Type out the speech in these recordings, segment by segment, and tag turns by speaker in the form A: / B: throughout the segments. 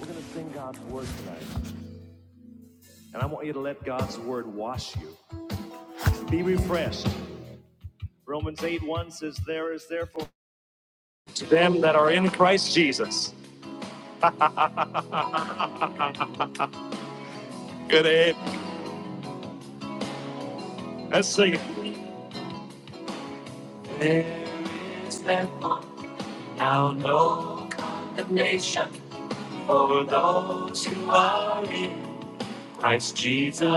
A: We're going to sing God's word tonight. And I want you to let God's word wash you. Be refreshed. Romans 8 1 says, There is therefore to them that are in Christ Jesus. Good aid. Let's sing it. There is therefore now no condemnation for those who are in Christ Jesus.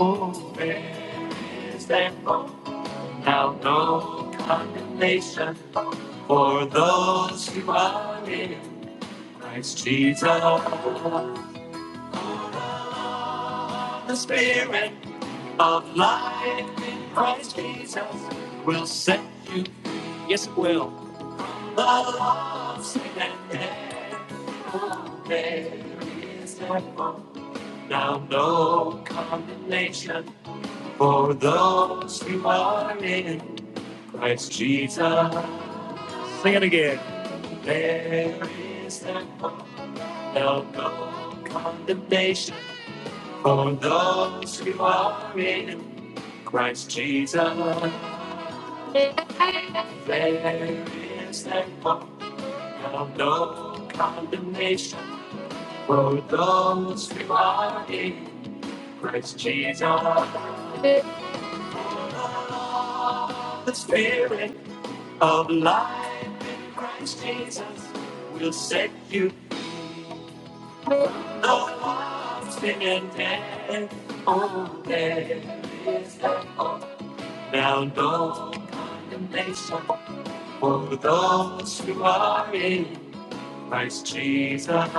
A: Oh, there is therefore now no condemnation for those who are in Christ Jesus, the Spirit of life in Christ Jesus will set you. free. Yes, it will. The lost sin and death. There is no hope. now no condemnation for those who are in Christ Jesus. Sing it again. There is no hope. now no condemnation For those who are in Christ Jesus, there is that hope, now no condemnation. For those who are in Christ Jesus, the Spirit of life in Christ Jesus will set you Oh, there is that hope. Now no condemnation for those who are in Christ Jesus.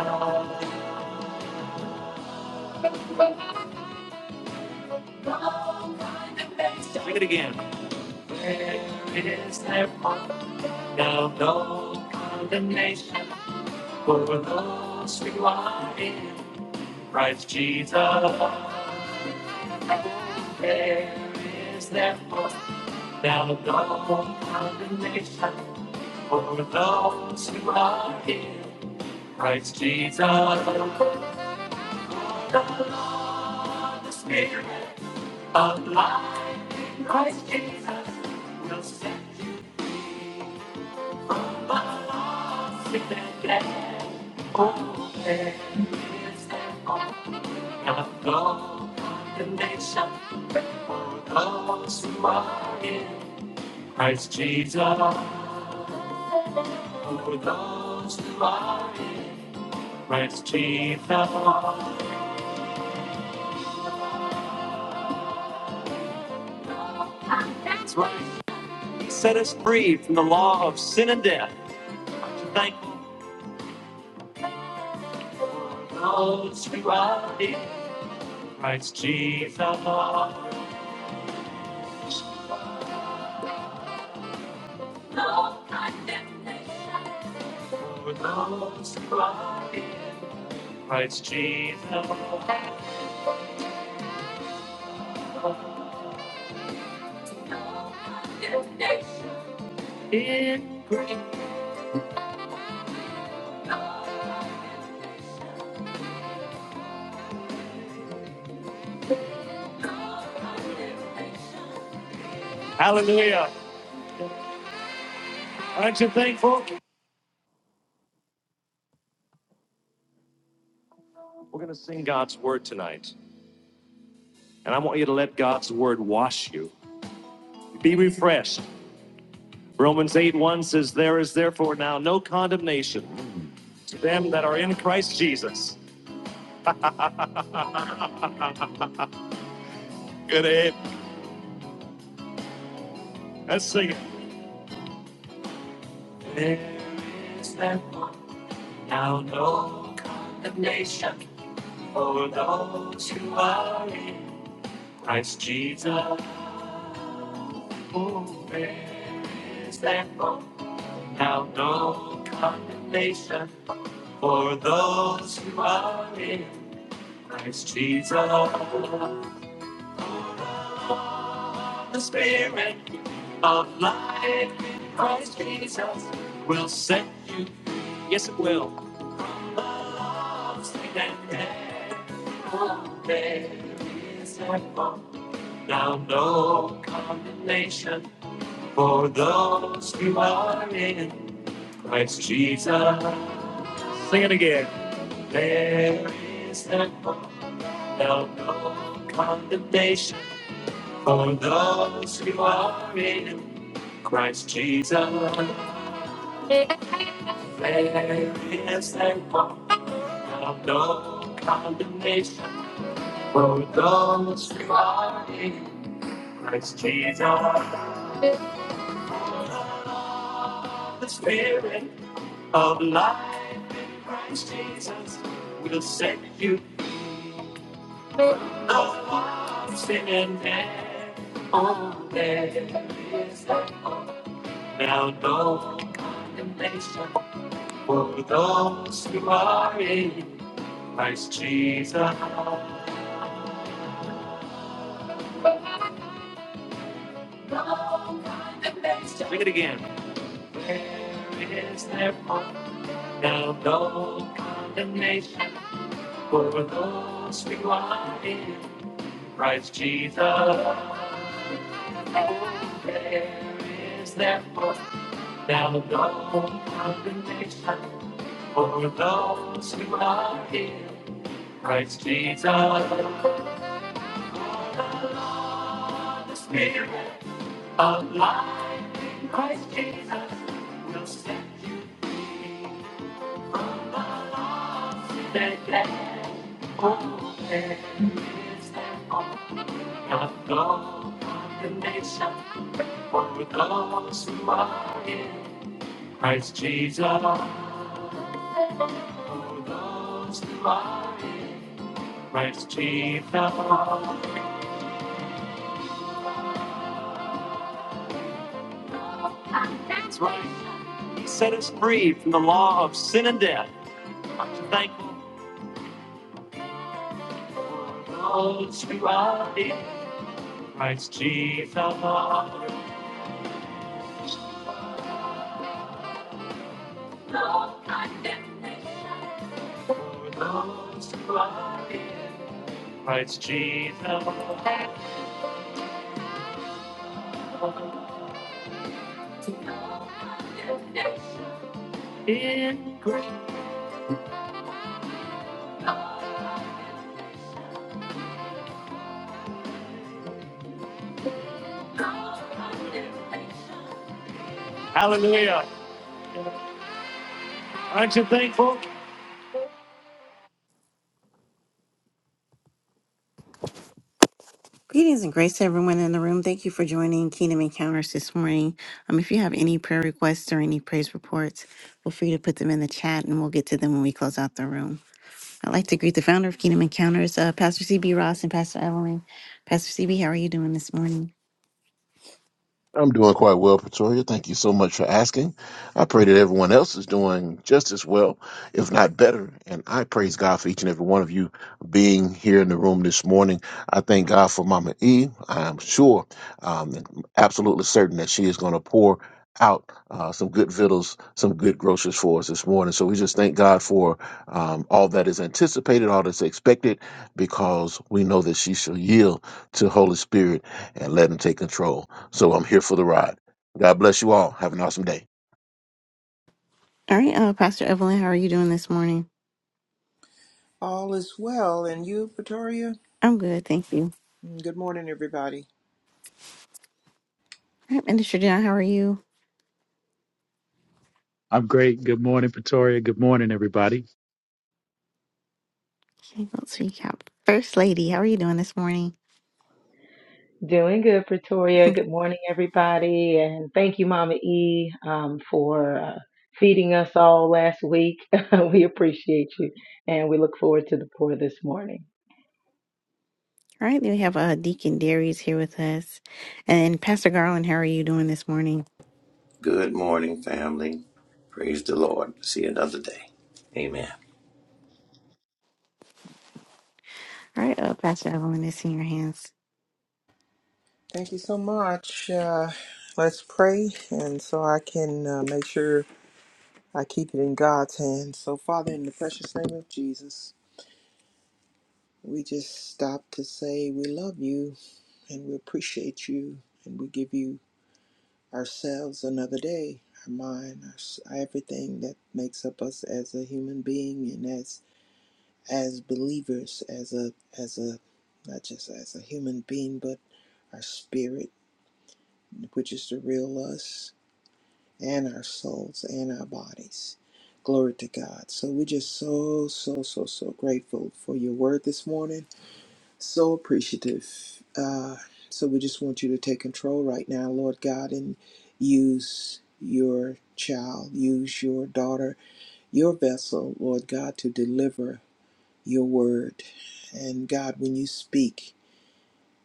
A: Sing it again. There is there now no condemnation for those who are in Christ Jesus. There is therefore now no condemnation for those who are in Christ Jesus. The Lord, the Spirit of life in Christ Jesus will set you above all sin and death. Oh, there is therefore now no condemnation for those who are in Christ Jesus, for those who are in Christ Jesus. That's right. He set us free from the law of sin and death. Aren't you thankful for those who are in Christ Jesus? No condemnation for those who are in Christ Jesus. In grace. Hallelujah. Aren't you thankful? We're going to sing God's word tonight. And I want you to let God's word wash you. Be refreshed. Romans 8 1 says, There is therefore now no condemnation to them that are in Christ Jesus. Good Abe. Let's sing it. There is therefore now no condemnation for those who are in Christ Jesus. Oh, there is therefore now no condemnation For those who are in Christ Jesus, the Spirit of life in Christ Jesus will set you, yes, it will. Love, sweet and dead, oh, there is no hope. Now no condemnation for those who are in Christ Jesus. Sing it again. There is no hope. Now no condemnation for those who are in Christ Jesus. There is a hope. Now no condemnation for those who are in Christ Jesus. The Spirit of life in Christ Jesus will set you Sitting there all day, is that all? Now no condemnation for those who are in Christ Jesus. No condemnation. Sing it again. There is therefore now no condemnation for those who are in Christ Jesus. Oh, there is therefore now no condemnation for those who are in Christ Jesus. For The Lord, The Spirit of life in Christ Jesus will set you free. Christ Jesus, for those who are in Christ Jesus. That's right. He set us free from the law of sin and death. I'm so thankful for those who are in Christ Jesus. Christ Jesus. Hallelujah. Aren't you thankful? Greetings and grace to everyone in the room. Thank you for joining Kingdom Encounters this morning. Um, if you have any prayer requests or any praise reports, feel free to put them in the chat and we'll get to them when we close out the room. I'd like to greet the founder of Kingdom Encounters, uh, Pastor CB Ross and Pastor Evelyn. Pastor CB, how are you doing this morning? All right, uh, Pastor Evelyn, how are you doing this morning?
B: All is well. And you, Pretoria?
A: I'm good, thank you.
B: Mm, Good morning, everybody.
A: All right, Minister John, how are you?
C: I'm great. Good morning, Pretoria. Good morning, everybody.
A: Okay, Let's recap. First Lady, how are you doing this morning?
D: Doing good, Pretoria. Good morning, everybody. And thank you, Mama E, um, for uh, feeding us all last week. we appreciate you. And we look forward to the pour this morning.
A: All right, then we have uh, Deacon Darius here with us. And Pastor Garland, how are you doing this morning?
E: Good morning, family. Praise the Lord. See you another day. Amen.
A: All right, uh, Pastor Evelyn, it's in your hands.
B: Thank you so much. Uh, let's pray, and so I can uh, make sure I keep it in God's hands. So, Father, in the precious name of Jesus, we just stop to say we love you and we appreciate you, and we give you ourselves another day, our mind, our, s- everything that makes up us as a human being and as as believers, as a as a not just as a human being, but our spirit, which is the real us, and our souls and our bodies. Glory to God. So we're just so, so, so, so grateful for your word this morning. So appreciative. Uh, so we just want you to take control right now, Lord God, and use your child, use your daughter, your vessel, Lord God, to deliver your word. And God, when you speak,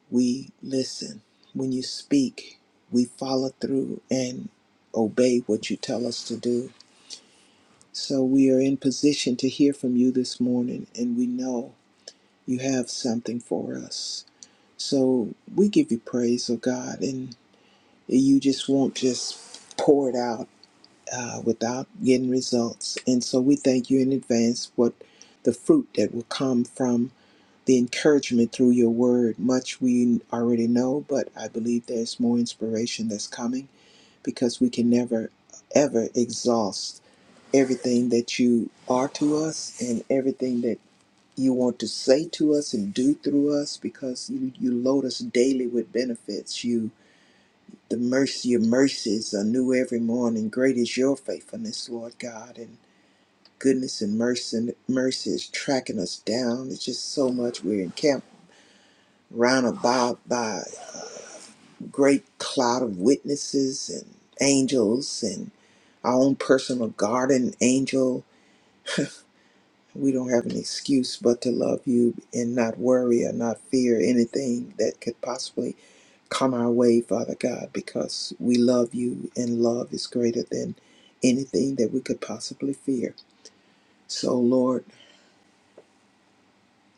B: we listen. When you speak, we follow through and obey what you tell us to do. So we are in position to hear from you this morning, and we know you have something for us. So we give you praise, oh God, and you just won't just pour it out uh, without getting results. And so we thank you in advance what the fruit that will come from the encouragement through your word. Much we already know, but I believe there's more inspiration that's coming because we can never, ever exhaust everything that you are to us and everything that you want to say to us and do through us because you, you load us daily with benefits. You, the mercy, your mercies are new every morning. Great is your faithfulness, Lord God. And goodness and mercy, mercy is tracking us down. It's just so much we're encamped round about by a great cloud of witnesses and angels and our own personal guardian angel. We don't have an excuse but to love you and not worry or not fear anything that could possibly come our way, Father God, because we love you and love is greater than anything that we could possibly fear. So, Lord,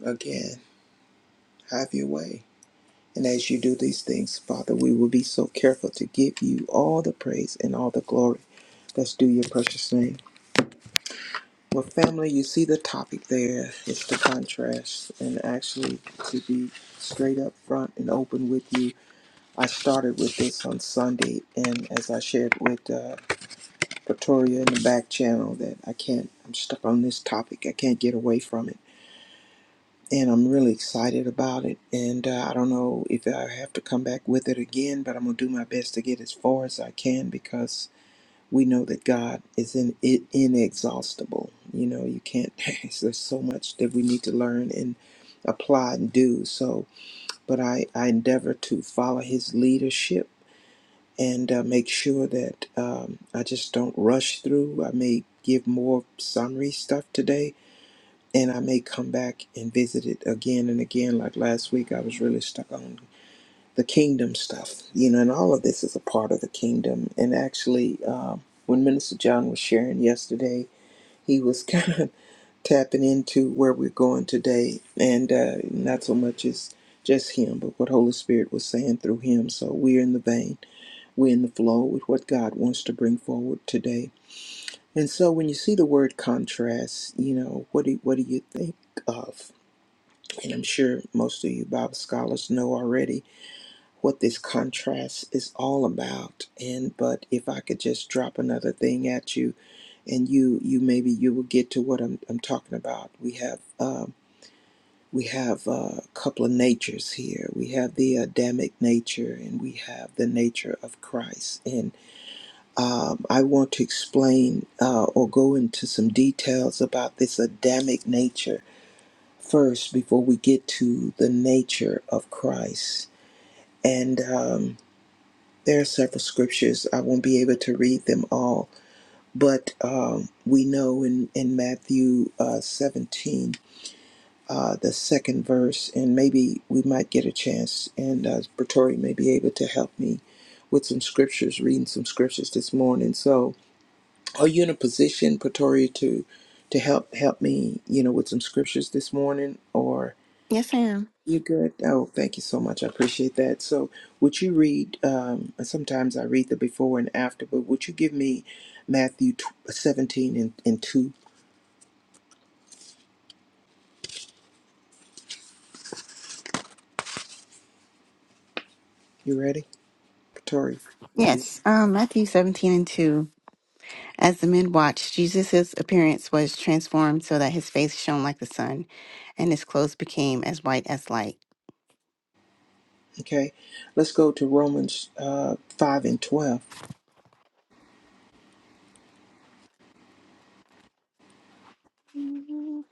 B: again, have your way. And as you do these things, Father, we will be so careful to give you all the praise and all the glory Let's do your precious thing. Well, family, you see the topic there. It's the contrast. And actually, to be straight up front and open with you, I started with this on Sunday. And as I shared with uh, Pretoria in the back channel, that I can't, I'm stuck on this topic. I can't get away from it. And I'm really excited about it. And uh, I don't know if I have to come back with it again, but I'm going to do my best to get as far as I can because we know that God is in, it inexhaustible. You know, you can't. There's so much that we need to learn and apply and do. So, but I I endeavor to follow His leadership and uh, make sure that um, I just don't rush through. I may give more summary stuff today, and I may come back and visit it again and again. Like last week, I was really stuck on the kingdom stuff, you know, and all of this is a part of the kingdom. And actually, um, when Minister John was sharing yesterday, he was kind of tapping into where we're going today, and uh, not so much as just him, but what Holy Spirit was saying through him. So we're in the vein, we're in the flow with what God wants to bring forward today. And so, when you see the word contrast, you know what do what do you think of? And I'm sure most of you Bible scholars know already what this contrast is all about and but if i could just drop another thing at you and you you maybe you will get to what i'm, I'm talking about we have um we have uh, a couple of natures here we have the adamic nature and we have the nature of christ and um, i want to explain uh, or go into some details about this adamic nature first before we get to the nature of christ and um, There are several scriptures. I won't be able to read them all, but um, we know in, in Matthew uh, 17, uh, the second verse, and maybe we might get a chance, and uh, Pretori may be able to help me with some scriptures, reading some scriptures this morning. So, are you in a position, Pretori, to to help help me, you know, with some scriptures this morning, or?
A: Yes, I am.
B: You good? Oh, thank you so much. I appreciate that. So, would you read? Um, and sometimes I read the before and after, but would you give me Matthew tw- uh, 17 and, and 2? You ready? Tori? There you-
A: Yes, um, Matthew 17 and 2. As the men watched, Jesus' appearance was transformed so that his face shone like the sun, and his clothes became as white as light.
B: Okay. Let's go to Romans uh, 5 and 12.
A: Mhm.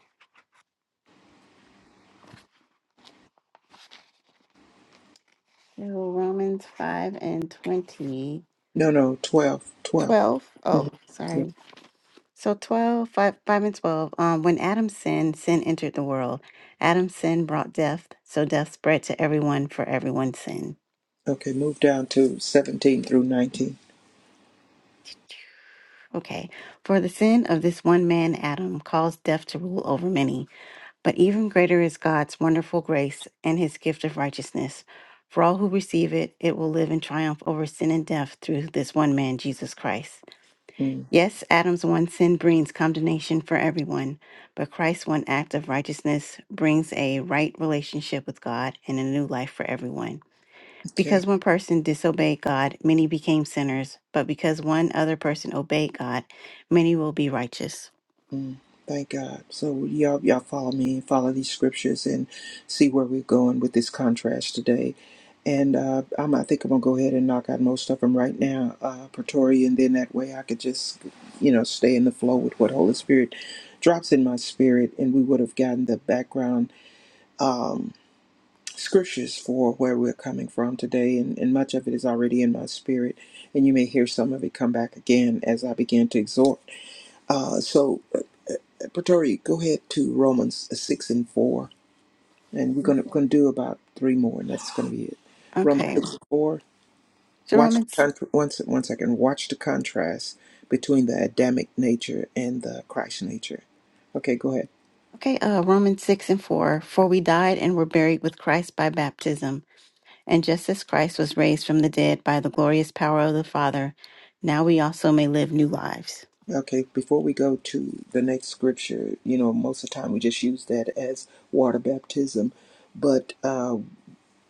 A: So Romans 5 and 20.
B: No, no, 12. 12.
A: 12.
B: hmm
A: Oh,
B: Yeah.
A: sorry. So 12 5, 5 and 12. Um, when Adam sinned, sin entered the world. Adam's sin brought death, so death spread to everyone for everyone's sin.
B: Okay, move down to 17 through 19.
A: Okay. For the sin of this one man, Adam, caused death to rule over many. But even greater is God's wonderful grace and his gift of righteousness. For all who receive it, it will live in triumph over sin and death through this one man, Jesus Christ.
B: Mm,
A: Yes, Adam's one sin brings condemnation for everyone, but Christ's one act of righteousness brings a right relationship with God and a new life for everyone.
B: okay.
A: Because one person disobeyed God, many became sinners, but because one other person obeyed God, many will be righteous.
B: Mm, thank God. So y'all, y'all follow me, follow these scriptures, and see where we're going with this contrast today. And uh, I'm, I think I'm gonna go ahead and knock out most of them right now, uh, Pretoria, and then that way I could just, you know, stay in the flow with what Holy Spirit drops in my spirit, and we would have gotten the background scriptures for where we're coming from today, and, and much of it is already in my spirit, and you may hear some of it come back again as I begin to exhort. Uh, so, uh, Pretoria, go ahead to Romans 6 and 4, and we're going to gonna do about three more, and that's going to be it. Romans
A: Okay,
B: 6 and 4.
A: so
B: Watch the
A: Romans.
B: con- one, se- one second. Watch the contrast between the Adamic nature and the Christ nature. Okay, go ahead.
A: Okay, uh, Romans 6 and 4. For we died and were buried with Christ by baptism. And just as Christ was raised from the dead by the glorious power of the Father, now we also may live new lives.
B: Okay, before we go to the next scripture, you know, most of the time we just use that as water baptism, but uh,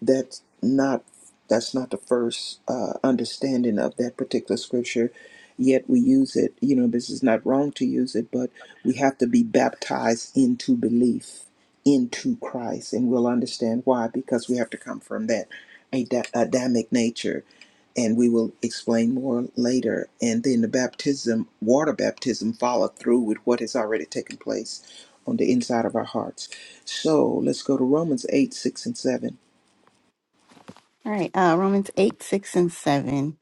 B: that's not that's not the first uh, understanding of that particular scripture yet we use it you know this is not wrong to use it but we have to be baptized into belief into christ and we'll understand why because we have to come from that Ada- adamic nature and we will explain more later and then the baptism water baptism followed through with what has already taken place on the inside of our hearts so let's go to romans 8 6 and 7
A: All right, uh, Romans 8, 6, and 7.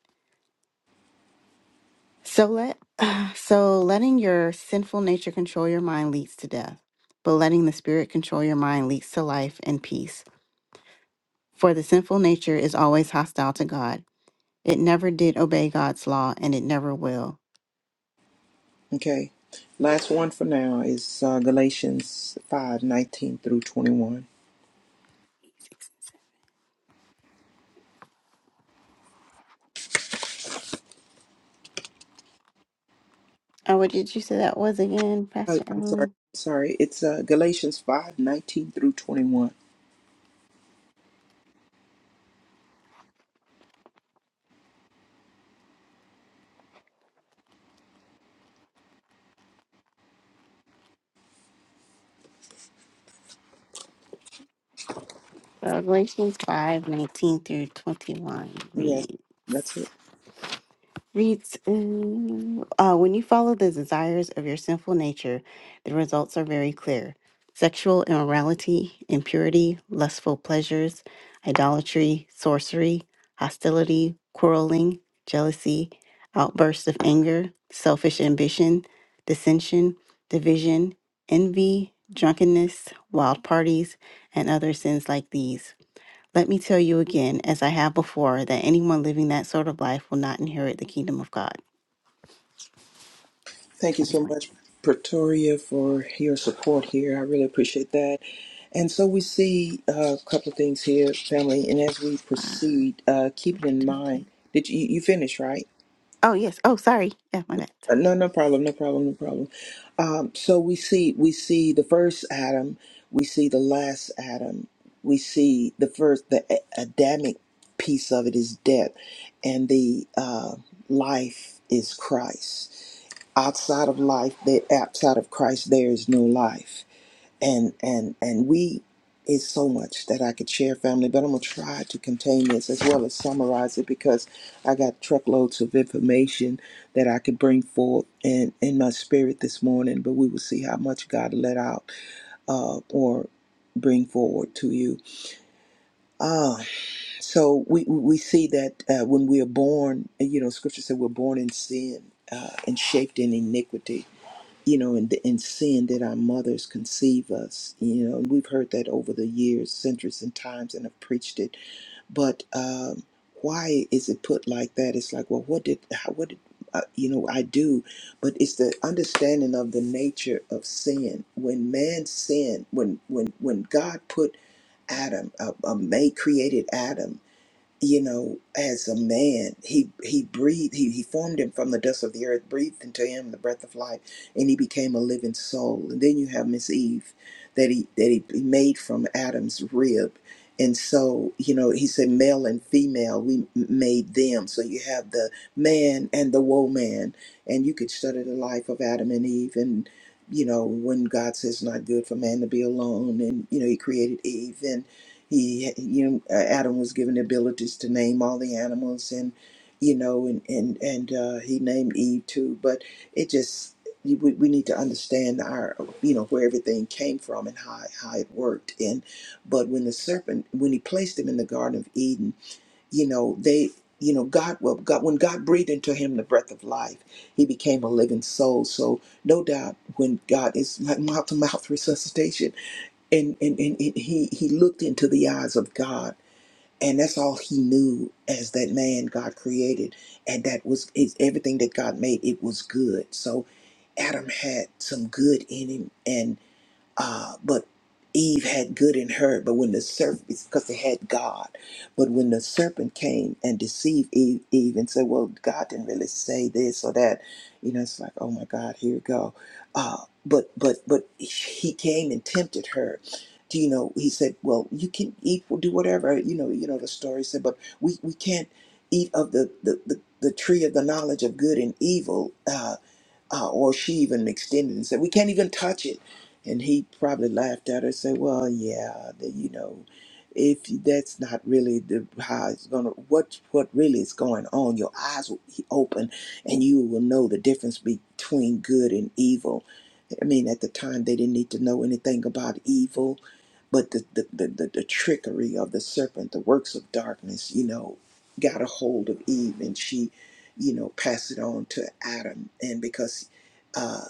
A: So let so letting your sinful nature control your mind leads to death, but letting the spirit control your mind leads to life and peace. For the sinful nature is always hostile to God. It never did obey God's law and it never will.
B: Okay. Last one for now is uh, Galatians five nineteen through 21.
A: Oh, what did you say that was again,
B: Oh,
A: Pastor
B: I'm sorry.
A: Emily?
B: Sorry. It's uh, Galatians five nineteen through 21.
A: Well, Galatians 5 19 through 21
B: Yes,
A: reads.
B: that's it.
A: reads mm, uh, When you follow the desires of your sinful nature, the results are very clear sexual immorality, impurity, lustful pleasures, idolatry, sorcery, hostility, quarreling, jealousy, outbursts of anger, selfish ambition, dissension, division, envy, drunkenness, wild parties, and other sins like these. Let me tell you again, as I have before, that anyone living that sort of life will not inherit the kingdom of God.
B: Thank you so
A: 25.
B: much, Pretoria, for your support here. I really appreciate that. And so we see uh, a couple of things here, family. And as we proceed, uh, keep it in mind. Did you, you finish, right?
A: Oh, yes. Oh, sorry. Yeah, my bad.
B: Uh,
A: Sorry.
B: No, no problem, no problem, no problem. Um, so we see we see the first Adam, we see the last Adam, we see the first the A- Adamic piece of it is death, and the uh, life is Christ. Outside of life, there outside of Christ, there is no life and and and we it's so much that I could share, family, but I'm gonna try to contain this as well as summarize it because I got truckloads of information that I could bring forth in in my spirit this morning. But we will see how much God let out uh, or bring forward to you. Ah, so we we see that uh, when we are born, you know, Scripture said we're born in sin uh, and shaped in iniquity you know, and, and sin that our mothers conceive us. You know, we've heard that over the years, centuries and times, and have preached it. But um, why is it put like that? It's like, well, what did, how, what did, uh, you know, I do? But it's the understanding of the nature of sin. When man sinned, when when when God put Adam, uh, uh, made created Adam you know, as a man, he he breathed, he, he formed him from the dust of the earth, breathed into him the breath of life, and he became a living soul. And then you have Miss Eve that he that he made from Adam's rib. And so, you know, he said male and female, we m- made them. So you have the man and the woman. And you could study the life of Adam and Eve and you know, when God says not good for man to be alone and you know, he created Eve he you uh, adam was given the abilities to name all the animals and you know and and and uh, he named eve too but it just we, we need to understand our you know where everything came from and how how it worked and but when the serpent when he placed him in the garden of eden you know they you know god well god when god breathed into him the breath of life he became a living soul so no doubt when god is like mouth to mouth resuscitation and and, and, and he he looked into the eyes of God, and that's all he knew as that man God created, and that was is everything that God made. It was good. So Adam had some good in him, and uh, but Eve had good in her, but when the serpent, because they had God, but when the serpent came and deceived Eve, Eve and said, "Well, God didn't really say this or that," you know, it's like, "Oh my God, here we go." Uh, but but but he came and tempted her. Do you know? He said, "Well, you can eat, do whatever." You know, you know the story said, but we we can't eat of the the the, the tree of the knowledge of good and evil. Uh, uh, or she even extended and said, "We can't even touch it." And he probably laughed at her and said, "Well, yeah, the, you know, if that's not really the how it's gonna what what really is going on, your eyes will be open, and you will know the difference between good and evil." I mean, at the time, they didn't need to know anything about evil, but the, the, the, the, the trickery of the serpent, the works of darkness, you know, got a hold of Eve and she, you know, passed it on to Adam. And because uh,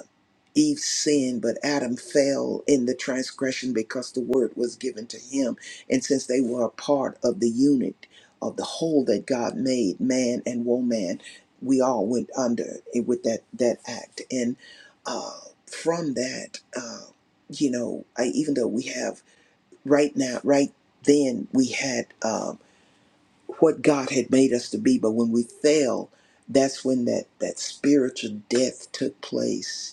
B: Eve sinned, but Adam fell in the transgression because the word was given to him. And since they were a part of the unit of the whole that God made, man and woman, we all went under it with that that act. And uh, from that, uh, you know, I, even though we have right now, right then, we had uh, what God had made us to be, but when we fell, that's when that that spiritual death took place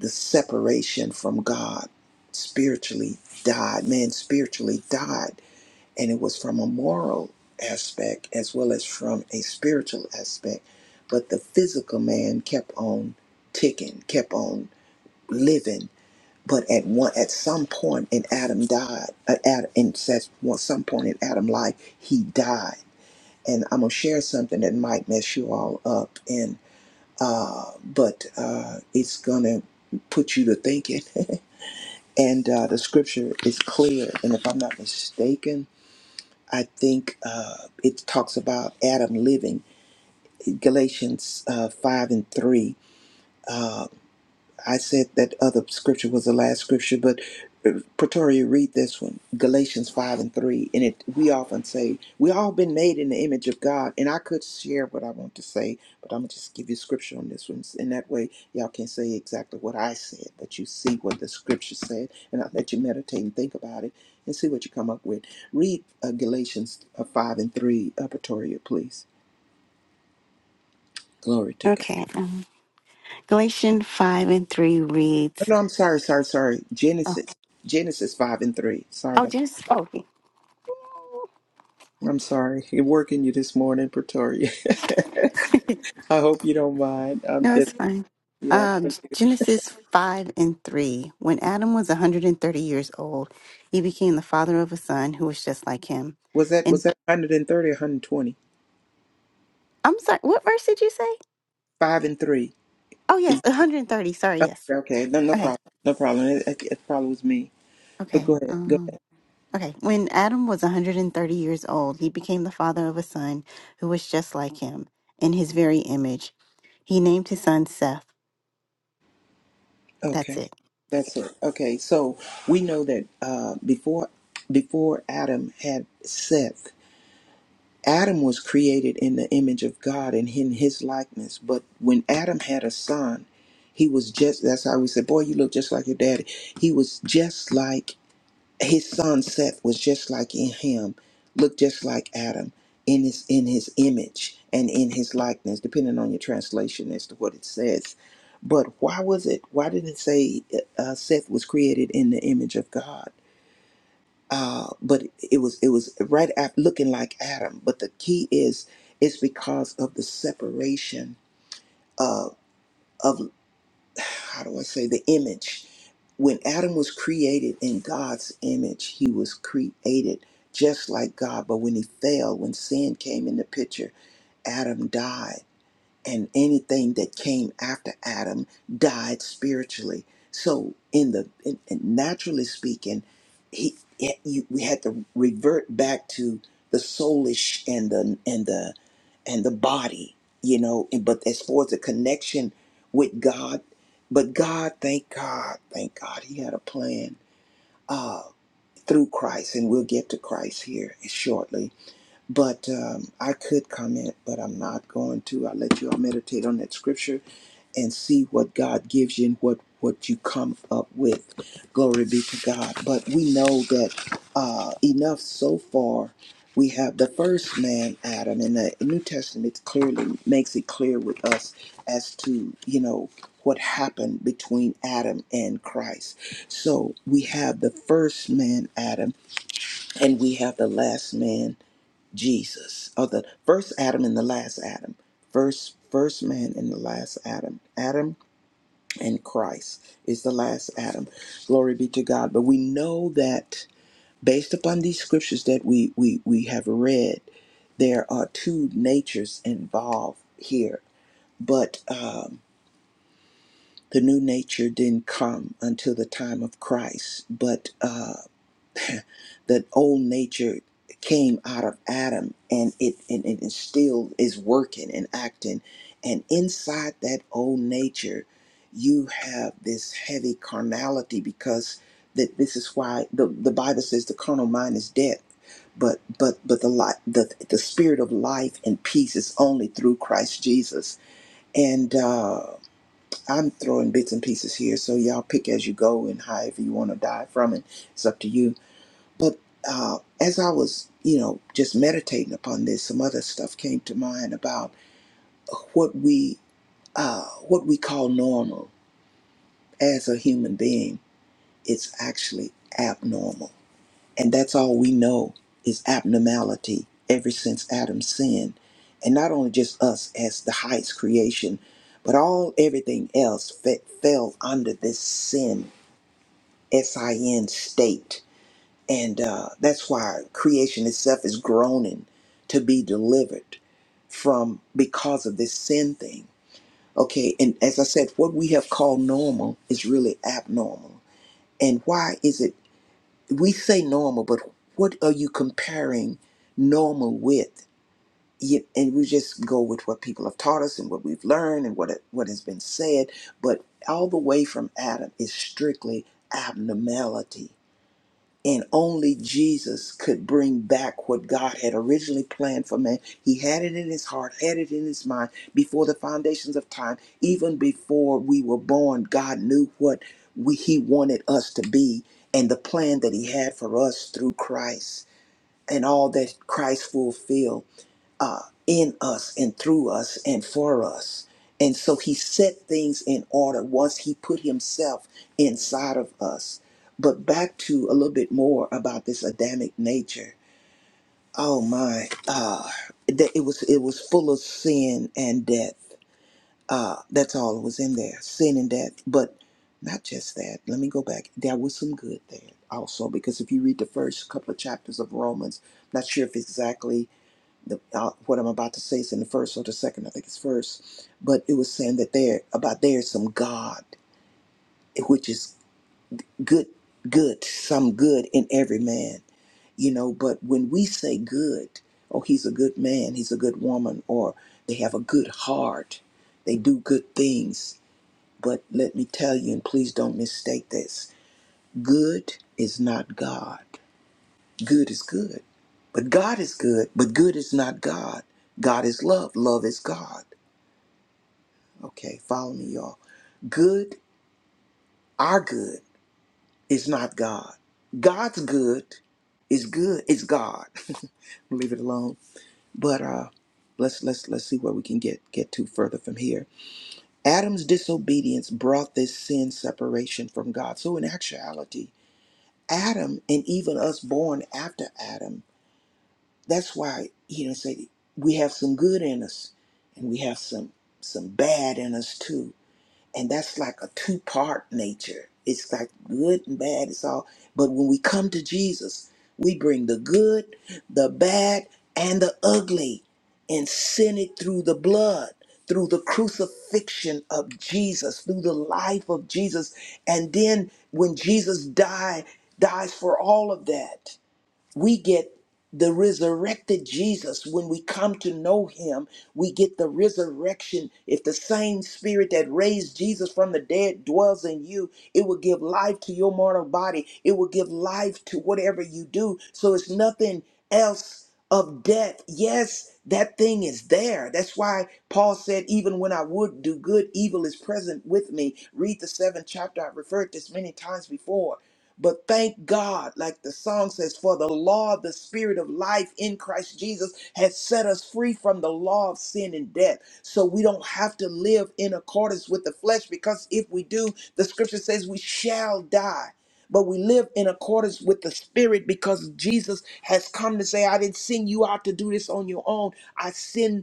B: the separation from God spiritually died. Man spiritually died. And it was from a moral aspect as well as from a spiritual aspect. But the physical man kept on ticking, kept on living. But at one, at some point in Adam died. At Adam, in says, well, some point in Adam life, he died. And I'm gonna share something that might mess you all up. And uh, but uh, it's gonna put you to thinking. And uh, the scripture is clear. And if I'm not mistaken, I think uh, it talks about Adam living. Galatians uh, 5 and 3. uh, I said that other scripture was the last scripture, but uh, Pretoria, read this one, Galatians 5 and 3. And it we often say, we all been made in the image of God. And I could share what I want to say, but I'm going to just give you scripture on this one. And that way, y'all can say exactly what I said, but you see what the scripture said. And I'll let you meditate and think about it and see what you come up with. Read uh, Galatians uh, 5 and 3, uh, Pretoria, please. Glory to God.
A: Okay. Um, Galatians 5 and 3 reads,
B: No, no, I'm sorry, sorry, sorry.
A: Oh,
B: Genesis. Genesis 5 and 3. Sorry
A: oh
B: about
A: just, oh, okay.
B: I'm sorry. You're working you this morning, Pretoria. I hope you don't mind. I'm
A: No,
B: just
A: it's fine.
B: yeah.
A: Uh, G- Genesis 5 and 3. When Adam was 130 years old, he became the father of a son who was just like him.
B: Was that was
A: And
B: that 130 or 120?
A: I'm sorry, what verse did you say?
B: Five and three.
A: Oh, yes,
B: Is,
A: 130. Sorry,
B: oh,
A: yes.
B: okay, no no
A: Okay,
B: problem. No problem. It, it, it probably was me. But
A: okay.
B: go ahead. Go
A: um, Okay, when Adam was 130 years old, he became the father of a son who was just like him, in his very image. He named his son Seth.
B: ahead.
A: That's
B: Okay.
A: it. Okay.
B: That's it. Okay. So we know that uh before before Adam had Seth Adam was created in the image of God and in his likeness. But when Adam had a son, he was just, that's how we said, boy, you look just like your daddy. He was just like, his son Seth was just like in him, looked just like Adam in his, in his image and in his likeness, depending on your translation as to what it says. But why was it, why did it say uh, Seth was created in the image of God? uh, but it was it was right after looking like Adam. But the key is it's because of the separation of of how do I say the image. When Adam was created in God's image, he was created just like God. But when he fell, when sin came in the picture, Adam died and anything that came after Adam died spiritually. So, in the in, in naturally speaking, he, he- you, we had to revert back to the soulish and the and the and the body, you know. And, but as far as the connection with God, but God, thank God, thank God, He had a plan uh, through Christ, and we'll get to Christ here shortly. But um, I could comment, but I'm not going to. I'll let you all meditate on that scripture and see what God gives you and what what you come up with. Glory be to God. But we know that uh, enough so far. We have the first man, Adam, and the New Testament clearly makes it clear with us as to you know what happened between Adam and Christ. So we have the first man, Adam, and we have the last man, Jesus, or the first Adam and the last Adam, first first man and the last Adam. Adam and Christ is the last Adam. Glory be to God. But we know that based upon these scriptures that we we we have read, there are two natures involved here. But um, the new nature didn't come until the time of Christ. But uh, the old nature came out of Adam and it and, and it still is working and acting. And inside that old nature, you have this heavy carnality because that this is why the, the Bible says the carnal mind is dead. But but but the life the the spirit of life and peace is only through Christ Jesus. And uh, I'm throwing bits and pieces here, so y'all pick as you go and however you want to die from it. It's up to you but uh, as I was, you know, just meditating upon this, some other stuff came to mind about what we uh, what we call normal as a human being. It's actually abnormal, and that's all we know is abnormality ever since Adam's sin, and not only just us as the highest creation, but all everything else fe- fell under this sin, S I N state And uh, that's why creation itself is groaning to be delivered from because of this sin thing. Okay, and as I said, what we have called normal is really abnormal. And why is it we say normal, but what are you comparing normal with? Ye- And we just go with what people have taught us and what we've learned and what it, what has been said. But all the way from Adam is strictly abnormality and only Jesus could bring back what God had originally planned for man. He had it in his heart, had it in his mind before the foundations of time, even before we were born. God knew what we, he wanted us to be and the plan that he had for us through Christ and all that Christ fulfilled uh, in us and through us and for us. And so he set things in order once he put himself inside of us. But back to a little bit more about this Adamic nature. Oh my, uh, that it was it was full of sin and death. Uh, that's all it was in there, sin and death. But not just that. Let me go back. There was some good there also, because if you read the first couple of chapters of Romans, not sure if exactly the, uh, what I'm about to say is in the first or the second, I think it's first, but it was saying that there about there is some God, which is good, good, some good in every man, you know. But when we say good, oh, he's a good man, he's a good woman, or they have a good heart, they do good things. But let me tell you, and please don't mistake this: good is not God. Good is good, but God is good, but good is not God. God is love. Love is God. Okay, follow me, y'all. Good, our good is not God. God's good is good. It's God. Leave it alone. But uh, let's let's let's see where we can get get to further from here. Adam's disobedience brought this sin separation from God. So in actuality, Adam and even us born after Adam. That's why you know say we have some good in us, and we have some some bad in us too and that's like a two part nature. It's like good and bad, it's all. But when we come to Jesus, we bring the good, the bad, and the ugly and send it through the blood, through the crucifixion of Jesus, through the life of Jesus. And then when Jesus died, dies for all of that we get the resurrected Jesus when we come to know him. We get the resurrection. If the same spirit that raised Jesus from the dead dwells in you, it will give life to your mortal body. It will give life to whatever you do. So it's nothing else of death. Yes, that thing is there. That's why Paul said, even when I would do good, evil is present with me. Read the seventh chapter. I've referred this many times before but thank God, like the song says, for the law of the spirit of life in Christ Jesus has set us free from the law of sin and death. So we don't have to live in accordance with the flesh because if we do, the scripture says we shall die. But we live in accordance with the spirit because Jesus has come to say, I didn't send you out to do this on your own. I send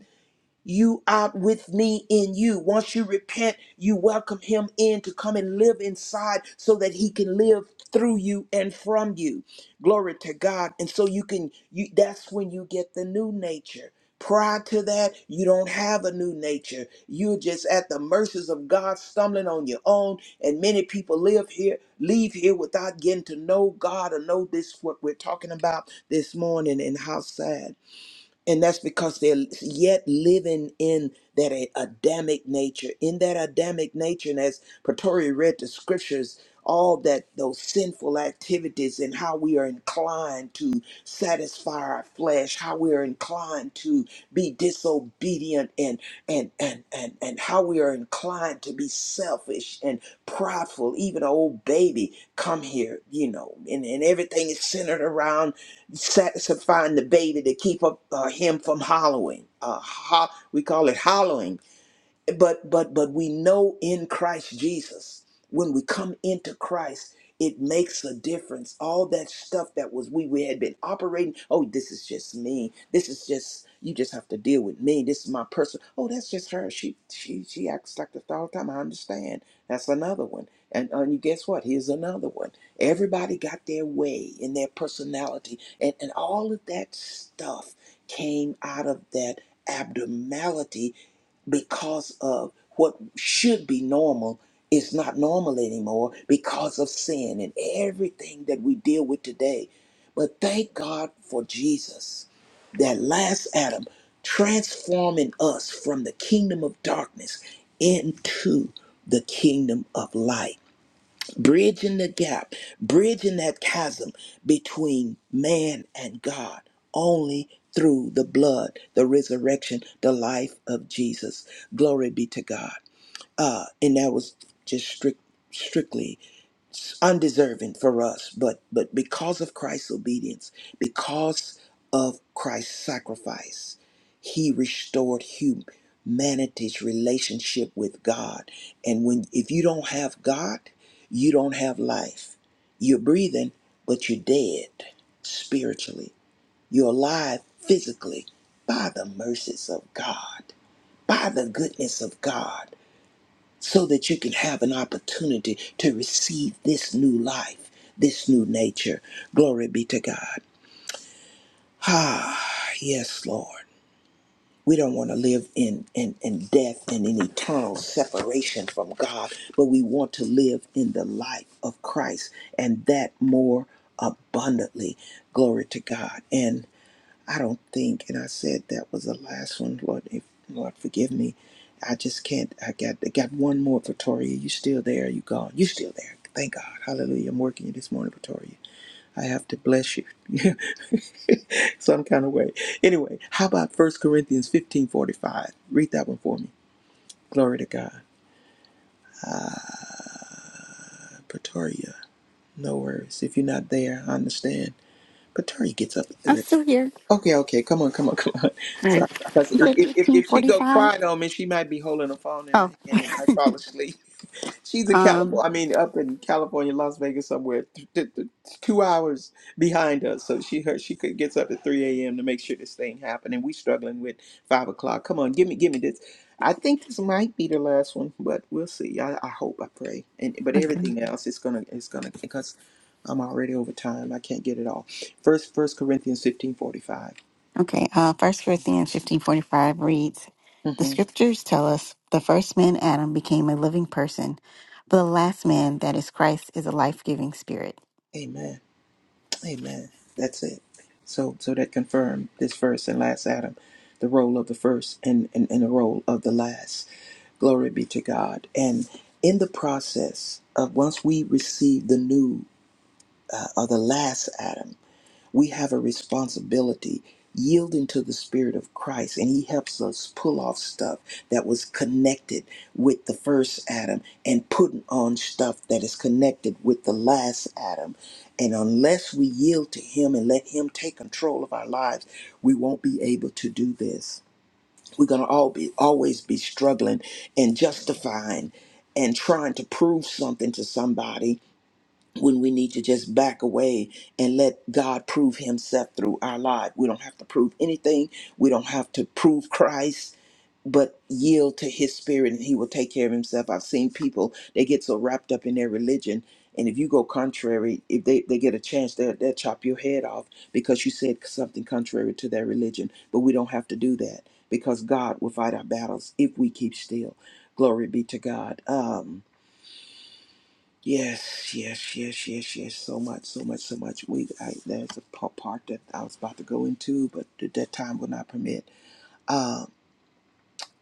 B: you out with me in you. Once you repent, you welcome him in to come and live inside so that he can live through you and from you. Glory to God. And so you can you that's when you get the new nature. Prior to that, you don't have a new nature. You're just at the mercies of God, stumbling on your own. And many people live here, leave here without getting to know God or know this what we're talking about this morning and how sad. And that's because they're yet living in that a- Adamic nature. In that Adamic nature, and as Pretoria read the scriptures, all that those sinful activities and how we are inclined to satisfy our flesh, how we are inclined to be disobedient and and and and, and how we are inclined to be selfish and prideful, even an old baby come here, you know, and, and everything is centered around satisfying the baby to keep up uh, him from hollowing. Uh, ho- we call it hollowing but but but we know in Christ Jesus when we come into Christ it makes a difference all that stuff that was we we had been operating oh this is just me this is just you just have to deal with me this is my person oh that's just her she she she acts like this all the time I understand that's another one and, and you guess what here's another one everybody got their way and their personality and and all of that stuff came out of that abnormality because of what should be normal is not normal anymore because of sin and everything that we deal with today. But thank God for Jesus, that last Adam, transforming us from the kingdom of darkness into the kingdom of light bridging the gap, bridging that chasm between man and God only through the blood, the resurrection, the life of Jesus. Glory be to God. Uh, and that was just strict, strictly undeserving for us but but because of christ's obedience because of christ's sacrifice he restored humanity's relationship with god and when if you don't have god you don't have life you're breathing but you're dead spiritually you're alive physically by the mercies of god by the goodness of god so that you can have an opportunity to receive this new life, this new nature. Glory be to God. Ah, yes, Lord. We don't want to live in, in, in death and in eternal separation from God, but we want to live in the life of Christ and that more abundantly. Glory to God. And I don't think, and I said that was the last one, Lord. If, Lord, forgive me. I just can't. I got I got one more, Pretoria. You still there? You gone? You still there? Thank God, Hallelujah! I'm working you this morning, Pretoria. I have to bless you, some kind of way. Anyway, how about First Corinthians 15:45? Read that one for me. Glory to God, Pretoria. No worries. If you're not there, I understand. Pretoria gets up. at three
A: I'm
B: o'clock
A: still here.
B: Okay, okay, come on, come on, come on.
A: All
B: Sorry,
A: right.
B: because
A: You
B: if,
A: said
B: if if if she go
A: 1545?
B: quiet on me, she might be holding a phone in her
A: Oh,
B: hand and might fall asleep. She's in
A: um,
B: California. I mean, up in California, Las Vegas, somewhere, th- th- th- two hours behind us. So she her she could gets up at three a.m. to make sure this thing happened, and we struggling with five o'clock. Come on, give me give me this. I think this might be the last one, but we'll see. I, I hope, I pray, and but
A: Okay.
B: everything else is gonna it's gonna because I'm already over time. I can't get it all. First First Corinthians fifteen forty five.
A: Okay, uh, 1 Corinthians fifteen forty five reads The
B: hmm
A: scriptures tell us the first man, Adam, became a living person, but the last man, that is Christ, is a life giving spirit.
B: Amen. Amen. That's it. So so that confirmed this first and last Adam, the role of the first and, and, and the role of the last. Glory be to God. And in the process of once we receive the new uh, or the last Adam, we have a responsibility yielding to the spirit of christ and he helps us pull off stuff that was connected with the first adam and putting on stuff that is connected with the last adam and unless we yield to him and let him take control of our lives we won't be able to do this we're going to all be always be struggling and justifying and trying to prove something to somebody when we need to just back away and let God prove Himself through our life. We don't have to prove anything, we don't have to prove Christ. But yield to his spirit and he will take care of himself. I've seen people, they get so wrapped up in their religion. And if you go contrary, if they, they get a chance, they'll, they'll chop your head off because you said something contrary to their religion. But we don't have to do that because God will fight our battles if we keep still. Glory be to God. Um, Yes, yes, yes, yes, yes. So much, so much, so much. We I, there's a pa- part that I was about to go into, but th- that time will not permit. Um,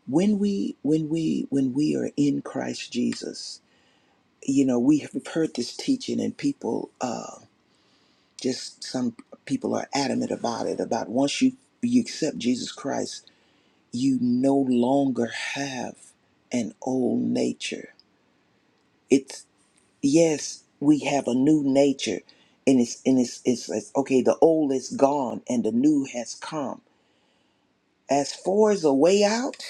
B: when we, when we, when we are in Christ Jesus, you know, we have heard this teaching, and people, uh, just some people are adamant about it. About once you you accept Jesus Christ, you no longer have an old nature. yes, we have a new nature, and it's and it's it's, it's okay. The old is gone, and the new has come. As far as a way out,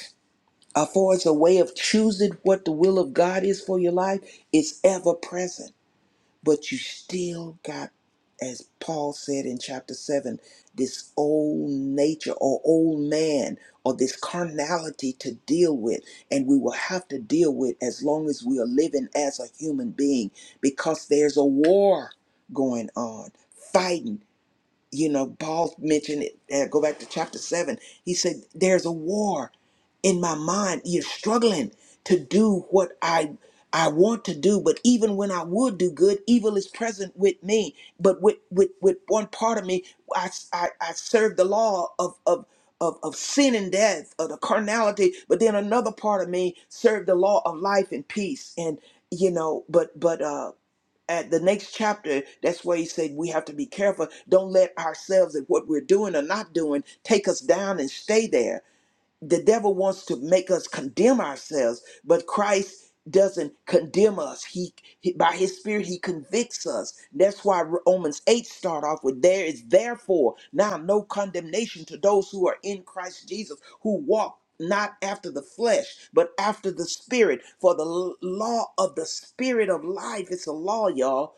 B: as far as a way of choosing what the will of God is for your life, it's ever present but you still got, as Paul said in chapter 7, this old nature or old man or this carnality to deal with. And we will have to deal with as long as we are living as a human being because there's a war going on, fighting you know, Paul mentioned it. Uh, go back to chapter seven. He said, "There's a war in my mind. You're struggling to do what I I want to do, but even when I would do good, evil is present with me. But with with with one part of me, I I, I serve the law of of." Of, of sin and death, of the carnality, but then another part of me served the law of life and peace. And you know, but but uh at the next chapter, that's where he said we have to be careful. Don't let ourselves and what we're doing or not doing take us down and stay there the devil wants to make us condemn ourselves, but Christ doesn't condemn us. He, he- by his spirit he convicts us. That's why Romans 8 start off with there is therefore now no condemnation to those who are in Christ Jesus who walk not after the flesh, but after the spirit. For the l- law of the spirit of life, it's a law, y'all,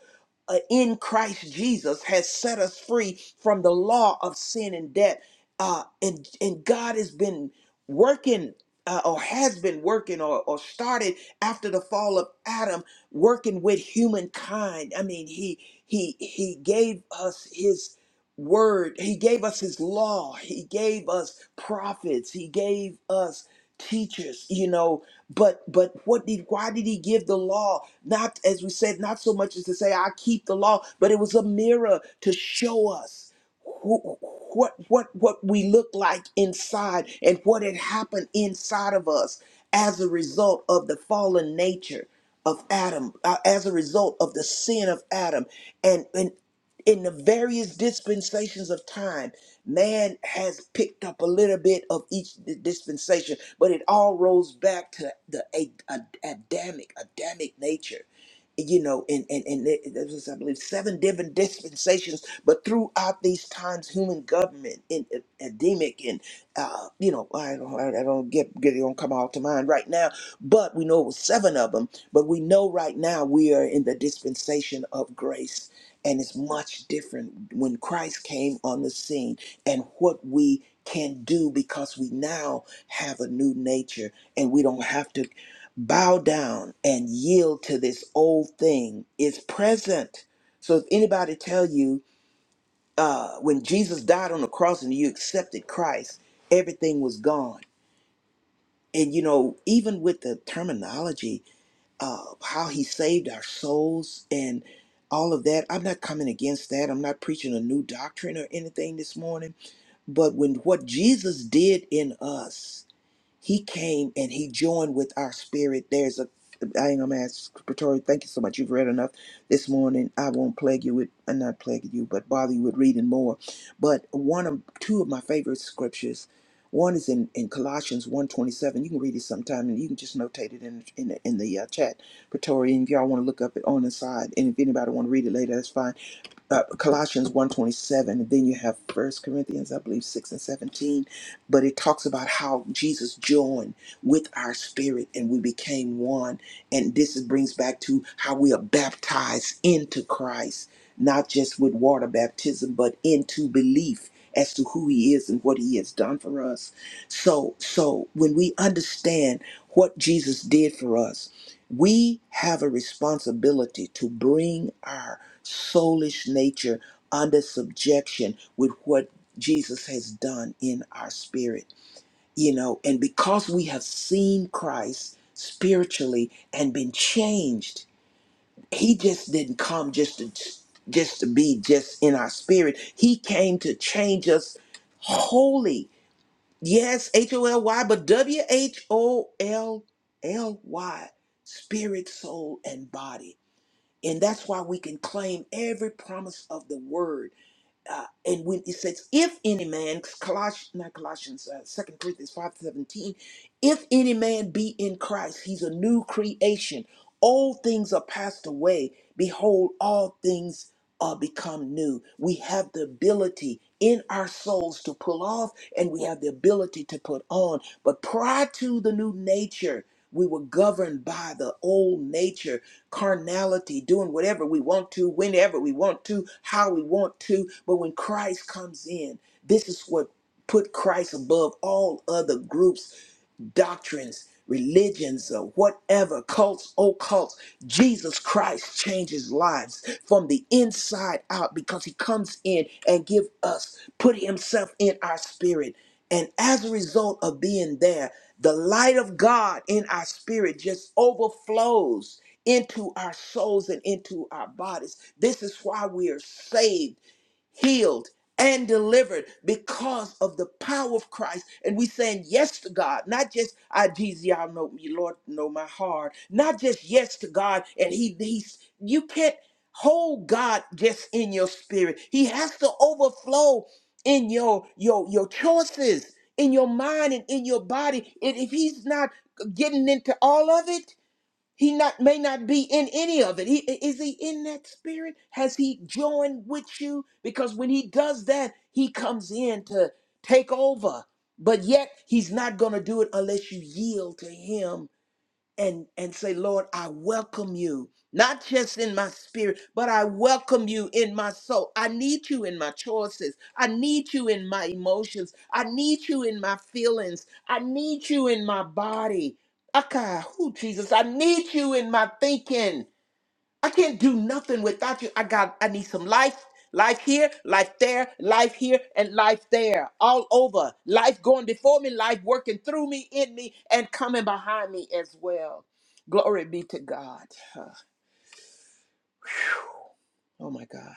B: uh, in Christ Jesus has set us free from the law of sin and death. Uh, and and God has been working uh, or has been working or, or started after the fall of Adam working with humankind. I mean, he he he gave us his word. He gave us his law. He gave us prophets. He gave us teachers, you know, but but what did why did he give the law? Not as we said, not so much as to say I keep the law, but it was a mirror to show us who, what what what we look like inside and what had happened inside of us as a result of the fallen nature of Adam, uh, as a result of the sin of Adam and and in the various dispensations of time, man has picked up a little bit of each di- dispensation, but it all rolls back to the A- A- Adamic, Adamic nature. You know, and and and it- it- this is, I believe seven different dispensations, but throughout these times, human government in Adamic and uh, you know, I don't, I don't get get it gonna come all to mind right now but we know it was seven of them. But we know right now we are in the dispensation of grace, and it's much different when Christ came on the scene and what we can do because we now have a new nature and we don't have to bow down and yield to this old thing. It's present. So if anybody tell you uh, when Jesus died on the cross and you accepted Christ, everything was gone. And you know, even with the terminology uh, how he saved our souls and all of that. I'm not coming against that. I'm not preaching a new doctrine or anything this morning. But when what Jesus did in us he came and he joined with our spirit. There's a I ain't gonna ask Pretori, thank you so much. You've read enough this morning. I won't plague you with and not plague you, but bother you with reading more. But one of two of my favorite scriptures. One is in, in Colossians 1.27. You can read it sometime and you can just notate it in in the, in the uh, chat, Pretori. And if y'all want to look up it on the side, and if anybody want to read it later, that's fine uh, Colossians one twenty seven. and then you have First Corinthians I believe 6 and 17 but it talks about how Jesus joined with our spirit and we became one and this is- brings back to how we are baptized into Christ not just with water baptism but into belief as to who he is and what he has done for us so so when we understand what Jesus did for us we have a responsibility to bring our soulish nature under subjection with what Jesus has done in our spirit. You know, and because we have seen Christ spiritually and been changed, he just didn't come just to just to be just in our spirit. He came to change us wholly. Yes, H O L Y, but W H O L L Y, spirit, soul, and body and that's why we can claim every promise of the word. Uh, and when it says, if any man, Colossians, not Colossians, uh, 2 Corinthians five seventeen, if any man be in Christ, he's a new creation. All things are passed away. Behold, all things are become new. We have the ability in our souls to pull off, and we have the ability to put on. But prior to the new nature, we were governed by the old nature carnality, doing whatever we want to, whenever we want to, how we want to. But when Christ comes in, this is what put Christ above all other groups doctrines, religions, or whatever, cults, occults. Jesus Christ changes lives from the inside out because he comes in and give us, put himself in our spirit. And as a result of being there, the light of God in our spirit just overflows into our souls and into our bodies. This is why we are saved healed and delivered because of the power of Christ. And we saying yes to God, not just I Jesus, y'all know me, Lord, know my heart. Not just yes to God, and He He's you can't hold God just in your spirit. He has to overflow in your your your choices, in your mind and in your body. And if He's not getting into all of it, he not may not be in any of it. He, is he in that spirit? Has he joined with you? Because when he does that, he comes in to take over. But yet he's not going to do it unless you yield to him and and say lord i welcome you not just in my spirit but i welcome you in my soul i need you in my choices i need you in my emotions i need you in my feelings i need you in my body okay who jesus i need you in my thinking I can't do nothing without you. I got I need some life, life here, life there, life here, and life there. All over. Life going before me, life working through me, in me, and coming behind me as well. Glory be to God. Huh. Oh my God.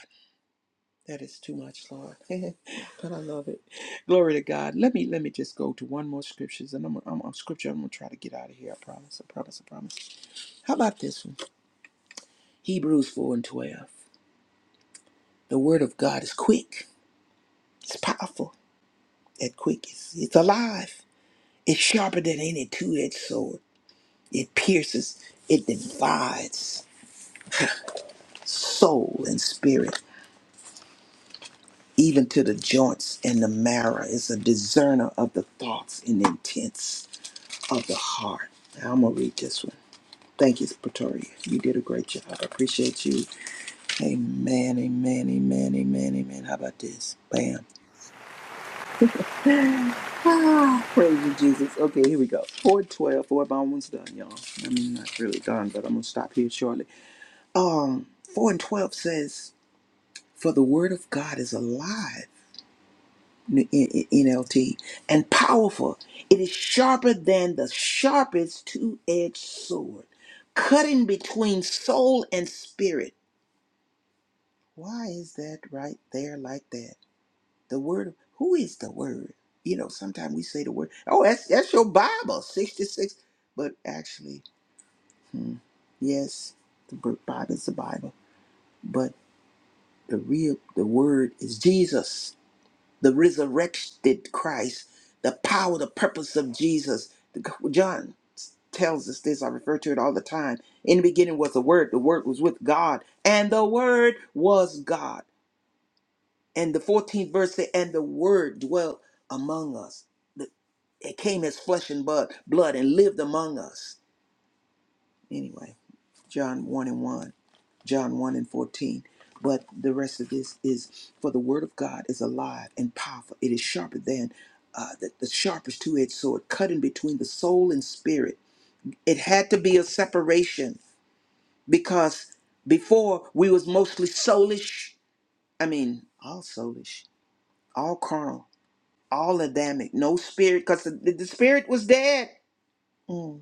B: That is too much, Lord. but I love it. Glory to God. Let me let me just go to one more scriptures and I'm I'm on scripture. I'm gonna try to get out of here. I promise. I promise. I promise. How about this one? Hebrews 4 and 12. The word of God is quick. It's powerful that quick. It's, it's alive. It's sharper than any two-edged sword. It pierces. It divides soul and spirit, even to the joints and the marrow. It's a discerner of the thoughts and intents of the heart. I'm gonna read this one. Thank you, Pretoria. You did a great job. I appreciate you. Amen, amen, amen, amen, amen. How about this? Bam. Praise you, Jesus. Okay, here we go. 412, 4 by one's done, y'all. I mean, not really done, but I'm going to stop here shortly. Um, 4 and 12 says, For the word of God is alive, N- N- N- NLT, and powerful. It is sharper than the sharpest two edged sword, cutting between soul and spirit. Why is that right there like that? The word, who is the word? You know, sometimes we say the word, oh, that's that's your Bible, 66. But actually, yes, the b- Bible is the Bible. But the real the word is Jesus, the resurrected Christ, the power, the purpose of Jesus. The- John tells us this, I refer to it all the time. In the beginning was the word, the word was with God, and the word was God. And the 14th verse say, and the word dwelt among us it came as flesh and blood, blood and lived among us. Anyway, John 1 and 1, John 1 and 14. But the rest of this is for the word of God is alive and powerful. It is sharper than uh, the, the sharpest two edged sword, cutting between the soul and spirit. It had to be a separation because before we was mostly soulish. I mean, all soulish, all carnal, all Adamic, no spirit because the, the spirit was dead. Mm.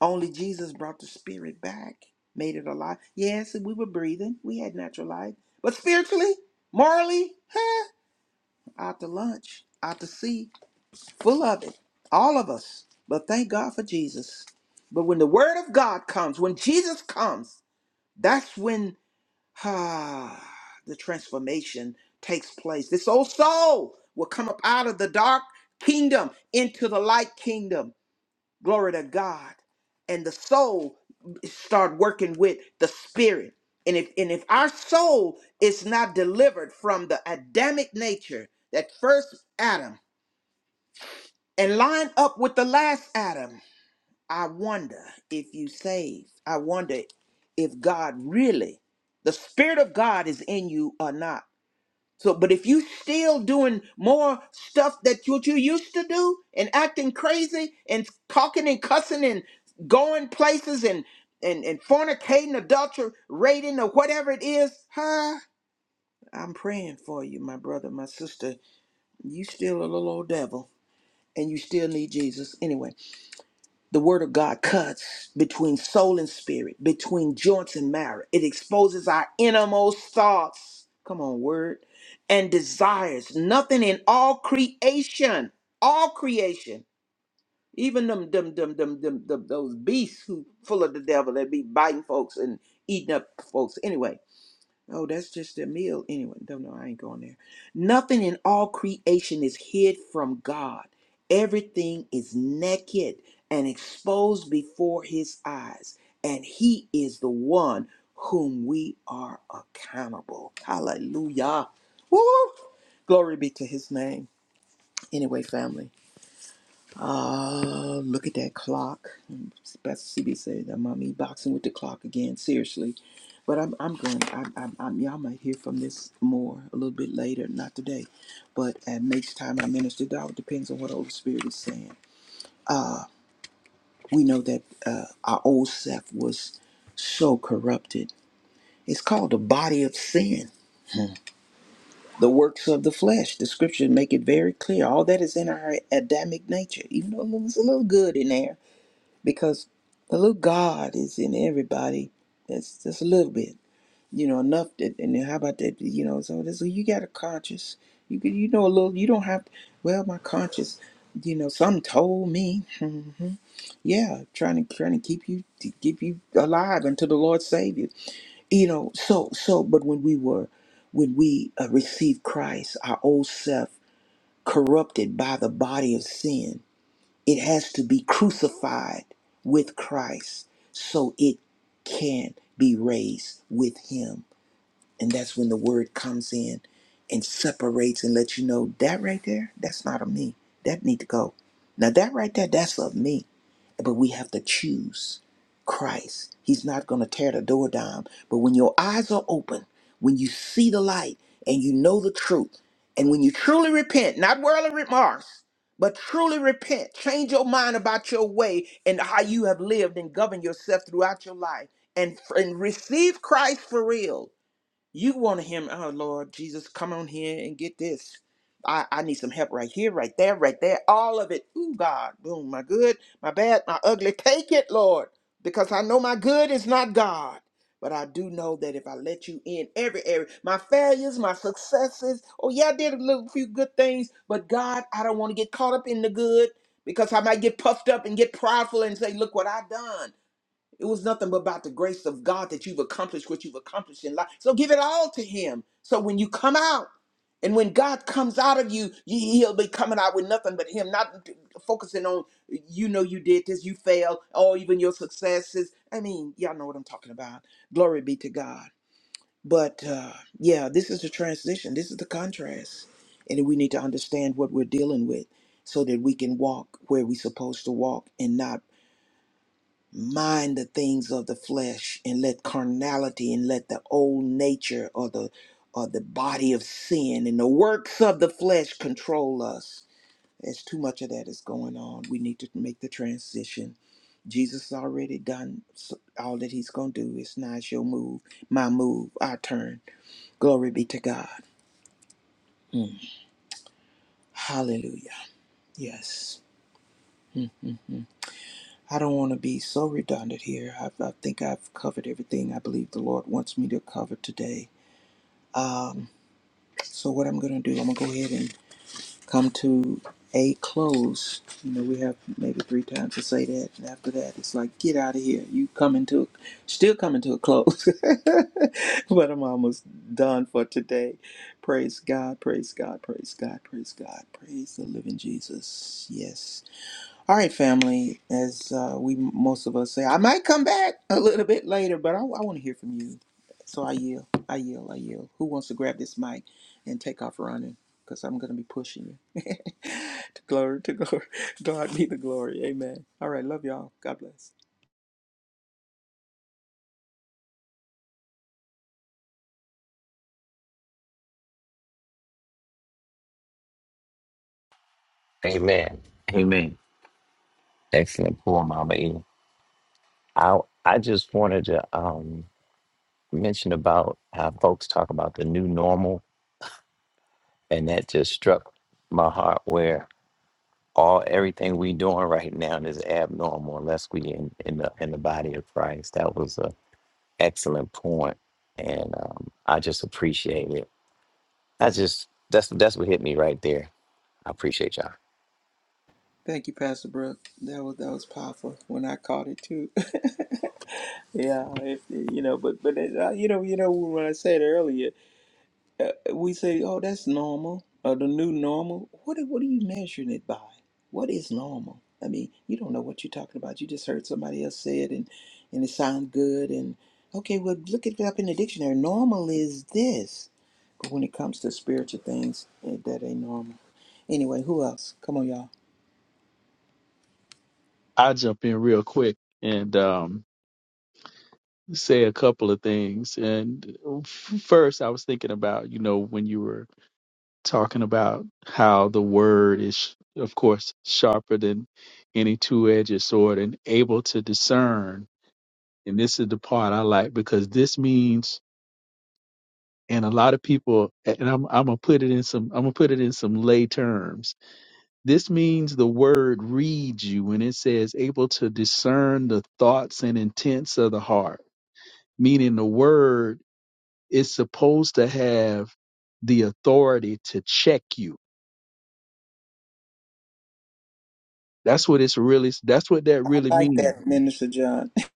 B: Only Jesus brought the spirit back, made it alive. Yes, we were breathing. We had natural life. But spiritually, morally, huh? Out to lunch, out to sea, full of it. All of us. But thank God for Jesus. But when the word of God comes, when Jesus comes, that's when ah, the transformation takes place. This old soul will come up out of the dark kingdom into the light kingdom Glory to God. And the soul start working with the spirit. And if and if our soul is not delivered from the Adamic nature, that first Adam, and line up with the last Adam, I wonder if you saved. I wonder if God really, the Spirit of God is in you or not. So, but if you still doing more stuff that what you used to do and acting crazy and talking and cussing and going places and and and fornicating, adultery, raiding, or whatever it is, huh? I'm praying for you, my brother, my sister. You still a little old devil, and you still need Jesus anyway. The word of God cuts between soul and spirit, between joints and marrow. It exposes our innermost thoughts. Come on, word. And desires. Nothing in all creation, all creation, even them, them, them, them, them, them those beasts who full of the devil that be biting folks and eating up folks. Anyway, Oh, that's just a meal. Anyway, don't know. I ain't going there. Nothing in all creation is hid from God. Everything is naked and exposed before his eyes. And he is the one whom we are accountable. Hallelujah. Woo! Glory be to his name. Anyway, family. Uh, look at that clock. Pastor CB said, "Now, mommy boxing with the clock again." Seriously, but I'm I'm going. I'm, I'm, I'm y'all might hear from this more a little bit later, not today, but at next time I minister, it all depends on what the Holy Spirit is saying. We know that uh, our old self was so corrupted. It's called the body of sin, the works of the flesh. The scriptures make it very clear. All that is in our Adamic nature, even though it was a little good in there because a little God is in everybody. That's just a little bit, you know, enough that. And then how about that? You know, so this you got a conscience. You could, you know, a little. You don't have. To, well, my conscience. You know, some told me, hmm, yeah, trying to trying to keep you to keep you alive until the Lord save you. You know, so so. But when we were, when we uh, received Christ, our old self corrupted by the body of sin it has to be crucified with Christ so it can be raised with Him. And that's when the Word comes in and separates and lets you know that right there, that's not of me. That need to go. Now that right there, that's of me but we have to choose Christ. He's not going to tear the door down. But when your eyes are open, when you see the light and you know the truth, and when you truly repent, not worldly remorse, but truly repent, change your mind about your way and how you have lived and governed yourself throughout your life, and, and receive Christ for real you want him, oh Lord Jesus, come on here and get this. I, I need some help right here, right there, right there, all of it. Ooh, God, boom, my good, my bad, my ugly. Take it, Lord, because I know my good is not God. But I do know that if I let you in every area, my failures, my successes, oh yeah, I did a little few good things, but God, I don't want to get caught up in the good because I might get puffed up and get prideful and say, look what i done. It was nothing but about the grace of God that you've accomplished what you've accomplished in life. So give it all to Him. So when you come out, and when God comes out of you, you- He'll be coming out with nothing but Him, not focusing on you know you did this, you failed, or even your successes. I mean, y'all know what I'm talking about. Glory be to God. But uh, yeah, this is the transition. This is the contrast, and we need to understand what we're dealing with, so that we can walk where we're supposed to walk and not mind the things of the flesh and let carnality and let the old nature or the or the body of sin and the works of the flesh control us there's too much of that is going on we need to make the transition jesus already done s- all that he's going to do it's not your move my move our turn glory be to god Mm. hallelujah yes Mm, mm, mm. I don't want to be so redundant here. I, I think I've covered everything I believe the Lord wants me to cover today. Um, so what I'm going to do, I'm going to go ahead and come to a close. You know, we have maybe three times to say that. And after that, it's like, get out of here. You coming to, a, still coming to a close. but I'm almost done for today. Praise God, praise God, praise God, praise God, praise the living Jesus. Yes. All right, family, as uh, we most of us say, I might come back a little bit later, but I, I want to hear from you. So I yield, I yield, I yield. Who wants to grab this mic and take off running? Because I'm going to be pushing you. to glory, to glory. God be the glory. Amen. All right, love y'all. God bless.
E: Amen. Amen. Excellent poor Mama E. I I just wanted to um mention about how folks talk about the new normal and that just struck my heart where all everything we doing right now is abnormal unless we in, in the in the body of Christ. That was a excellent point, And um, I just appreciate it. I just that's that's what hit me right there. I appreciate y'all.
B: Thank you, Pastor Brooke. That was that was powerful when I caught it too. yeah, if, you know, but but uh, you know, you know when I said earlier. we say, "Oh, that's normal," or the new normal. What are- what are you measuring it by? What is normal? I mean, you don't know what you're talking about. You just heard somebody else say it, and and it sounds good. And okay, well, look it up in the dictionary. Normal is this, but when it comes to spiritual things, eh, that ain't normal. Anyway, who else? Come on, y'all.
C: I'll jump in real quick and um, say a couple of things. And f- first, I was thinking about, you know, when you were talking about how the word is, of course, sharper than any two edged sword and able to discern. And this is the part I like because this means, and a lot of people, and I'm, I'm gonna put it in some, I'm gonna put it in some lay terms This means the word reads you when it says able to discern the thoughts and intents of the heart, meaning the word is supposed to have the authority to check you. That's what it's really, that's what that
B: I
C: really
B: like
C: means.
B: that, Minister John.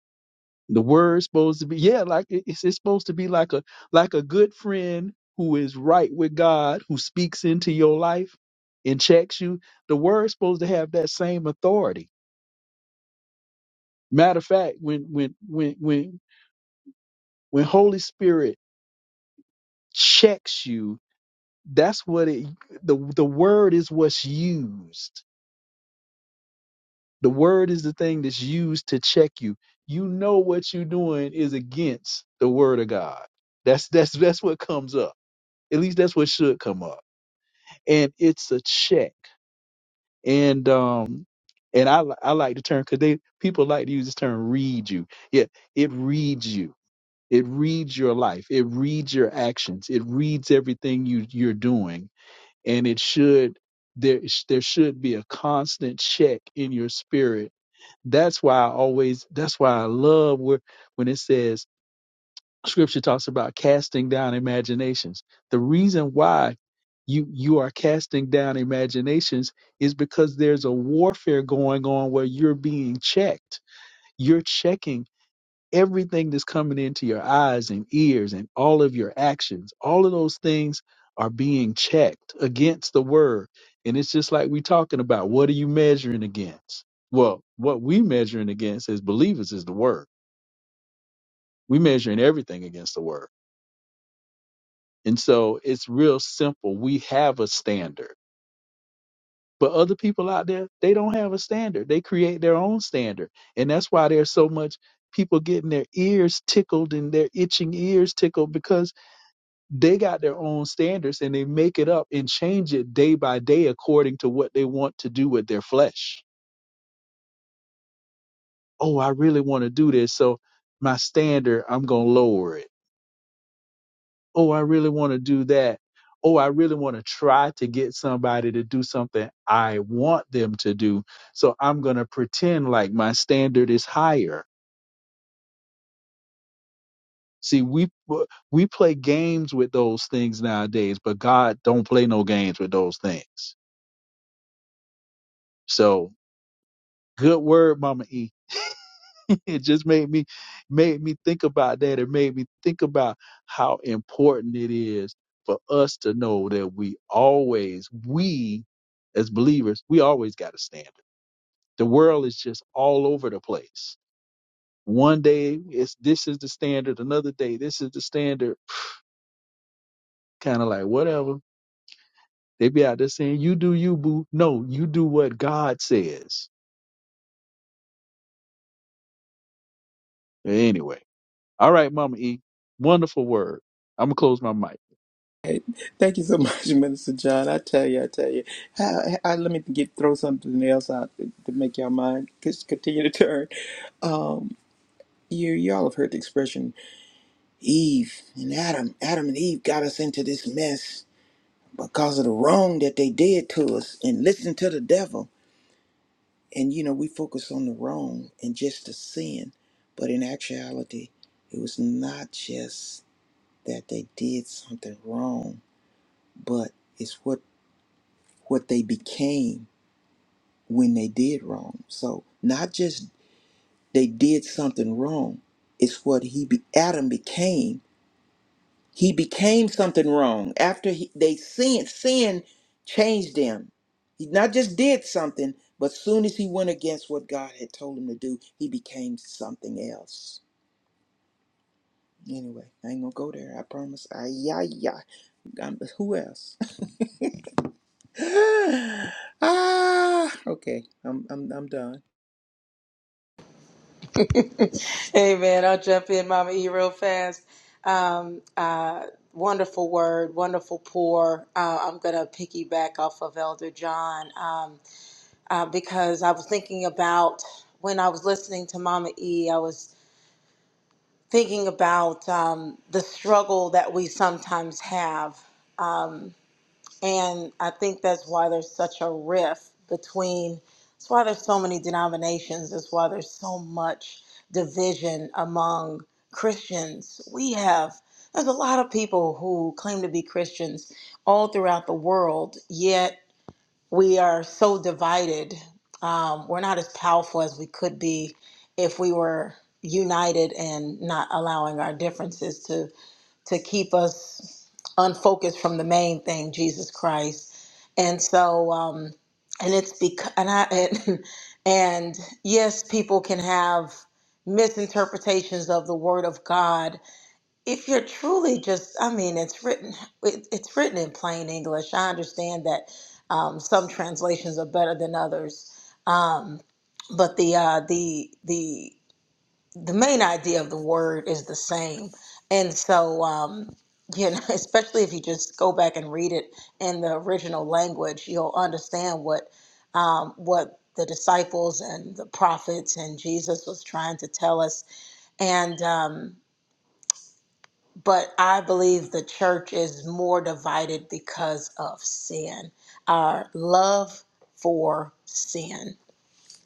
C: The word's supposed to be, yeah, like it- it's, it's supposed to be like a, like a good friend who is right with God, who speaks into your life and checks you. The word's supposed to have that same authority. Matter of fact, when, when, when, when when holy spirit checks you that's what it the, the word is what's used the word is the thing that's used to check you you know what you're doing is against the word of god that's that's that's what comes up at least that's what should come up and it's a check and um and i li- i like the term because they people like to use this term read you yeah it reads you it reads your life it reads your actions it reads everything you you're doing and it should there there should be a constant check in your spirit that's why i always that's why i love where when it says scripture talks about casting down imaginations the reason why you you are casting down imaginations is because there's a warfare going on where you're being checked you're checking everything that's coming into your eyes and ears and all of your actions, all of those things are being checked against the word. And it's just like we're talking about what are you measuring against? Well, what we measuring against as believers is the word. We measuring everything against the word. And so it's real simple. We have a standard. But other people out there, they don't have a standard. They create their own standard. And that's why there's so much people getting their ears tickled and their itching ears tickled because they got their own standards and they make it up and change it day by day according to what they want to do with their flesh. Oh, I really want to do this. So my standard, I'm going to lower it. Oh, I really want to do that. Oh, I really want to try to get somebody to do something I want them to do. So I'm going to pretend like my standard is higher. See, we we play games with those things nowadays, but God don't play no games with those things. So good word, Mama E it just made me made me think about that. It made me think about how important it is for us to know that we always, we as believers, we always got a standard. The world is just all over the place. One day it's this is the standard, another day this is the standard. Kind of like whatever. They be out there saying, You do you, boo. No, you do what God says. Anyway. All right, Mama E. Wonderful word. I'm gonna close my mic.
B: Thank you so much, Minister John. I tell you, I tell you. I, I, let me get throw something else out to, to make your mind just continue to turn. Um, you y'all have heard the expression Eve and Adam. Adam and Eve got us into this mess because of the wrong that they did to us and listen to the devil. And you know, we focus on the wrong and just the sin. But in actuality, it was not just that they did something wrong, but it's what what they became when they did wrong. So not just they did something wrong, it's what he be, Adam became He became something wrong after he, they sin. Sin changed him. He not just did something, but soon as he went against what God had told him to do, he became something else. Anyway, I ain't gonna go there. I promise. Ay, yeah, yeah. I'm, who else? ah, okay. I'm, I'm, I'm done.
D: Hey man, I'll jump in, Mama E, real fast. Um, uh, wonderful word, wonderful pour. Uh, I'm gonna piggyback off of Elder John. uh, because I was thinking about when I was listening to Mama E, I was thinking about um, the struggle that we sometimes have. Um, and I think that's why there's such a rift between, that's why there's so many denominations, that's why there's so much division among Christians. We have, there's a lot of people who claim to be Christians all throughout the world, yet we are so divided. Um, we're not as powerful as we could be if we were united and not allowing our differences to to keep us unfocused from the main thing, Jesus Christ. And so, um, and it's because and I and, and yes, people can have misinterpretations of the Word of God if you're truly just i mean it's written it, it's written in plain english i understand that um, some translations are better than others um, but the uh, the the the main idea of the word is the same and so um, you know especially if you just go back and read it in the original language you'll understand what um, what the disciples and the prophets and jesus was trying to tell us and um, but I believe the church is more divided because of sin, our love for sin,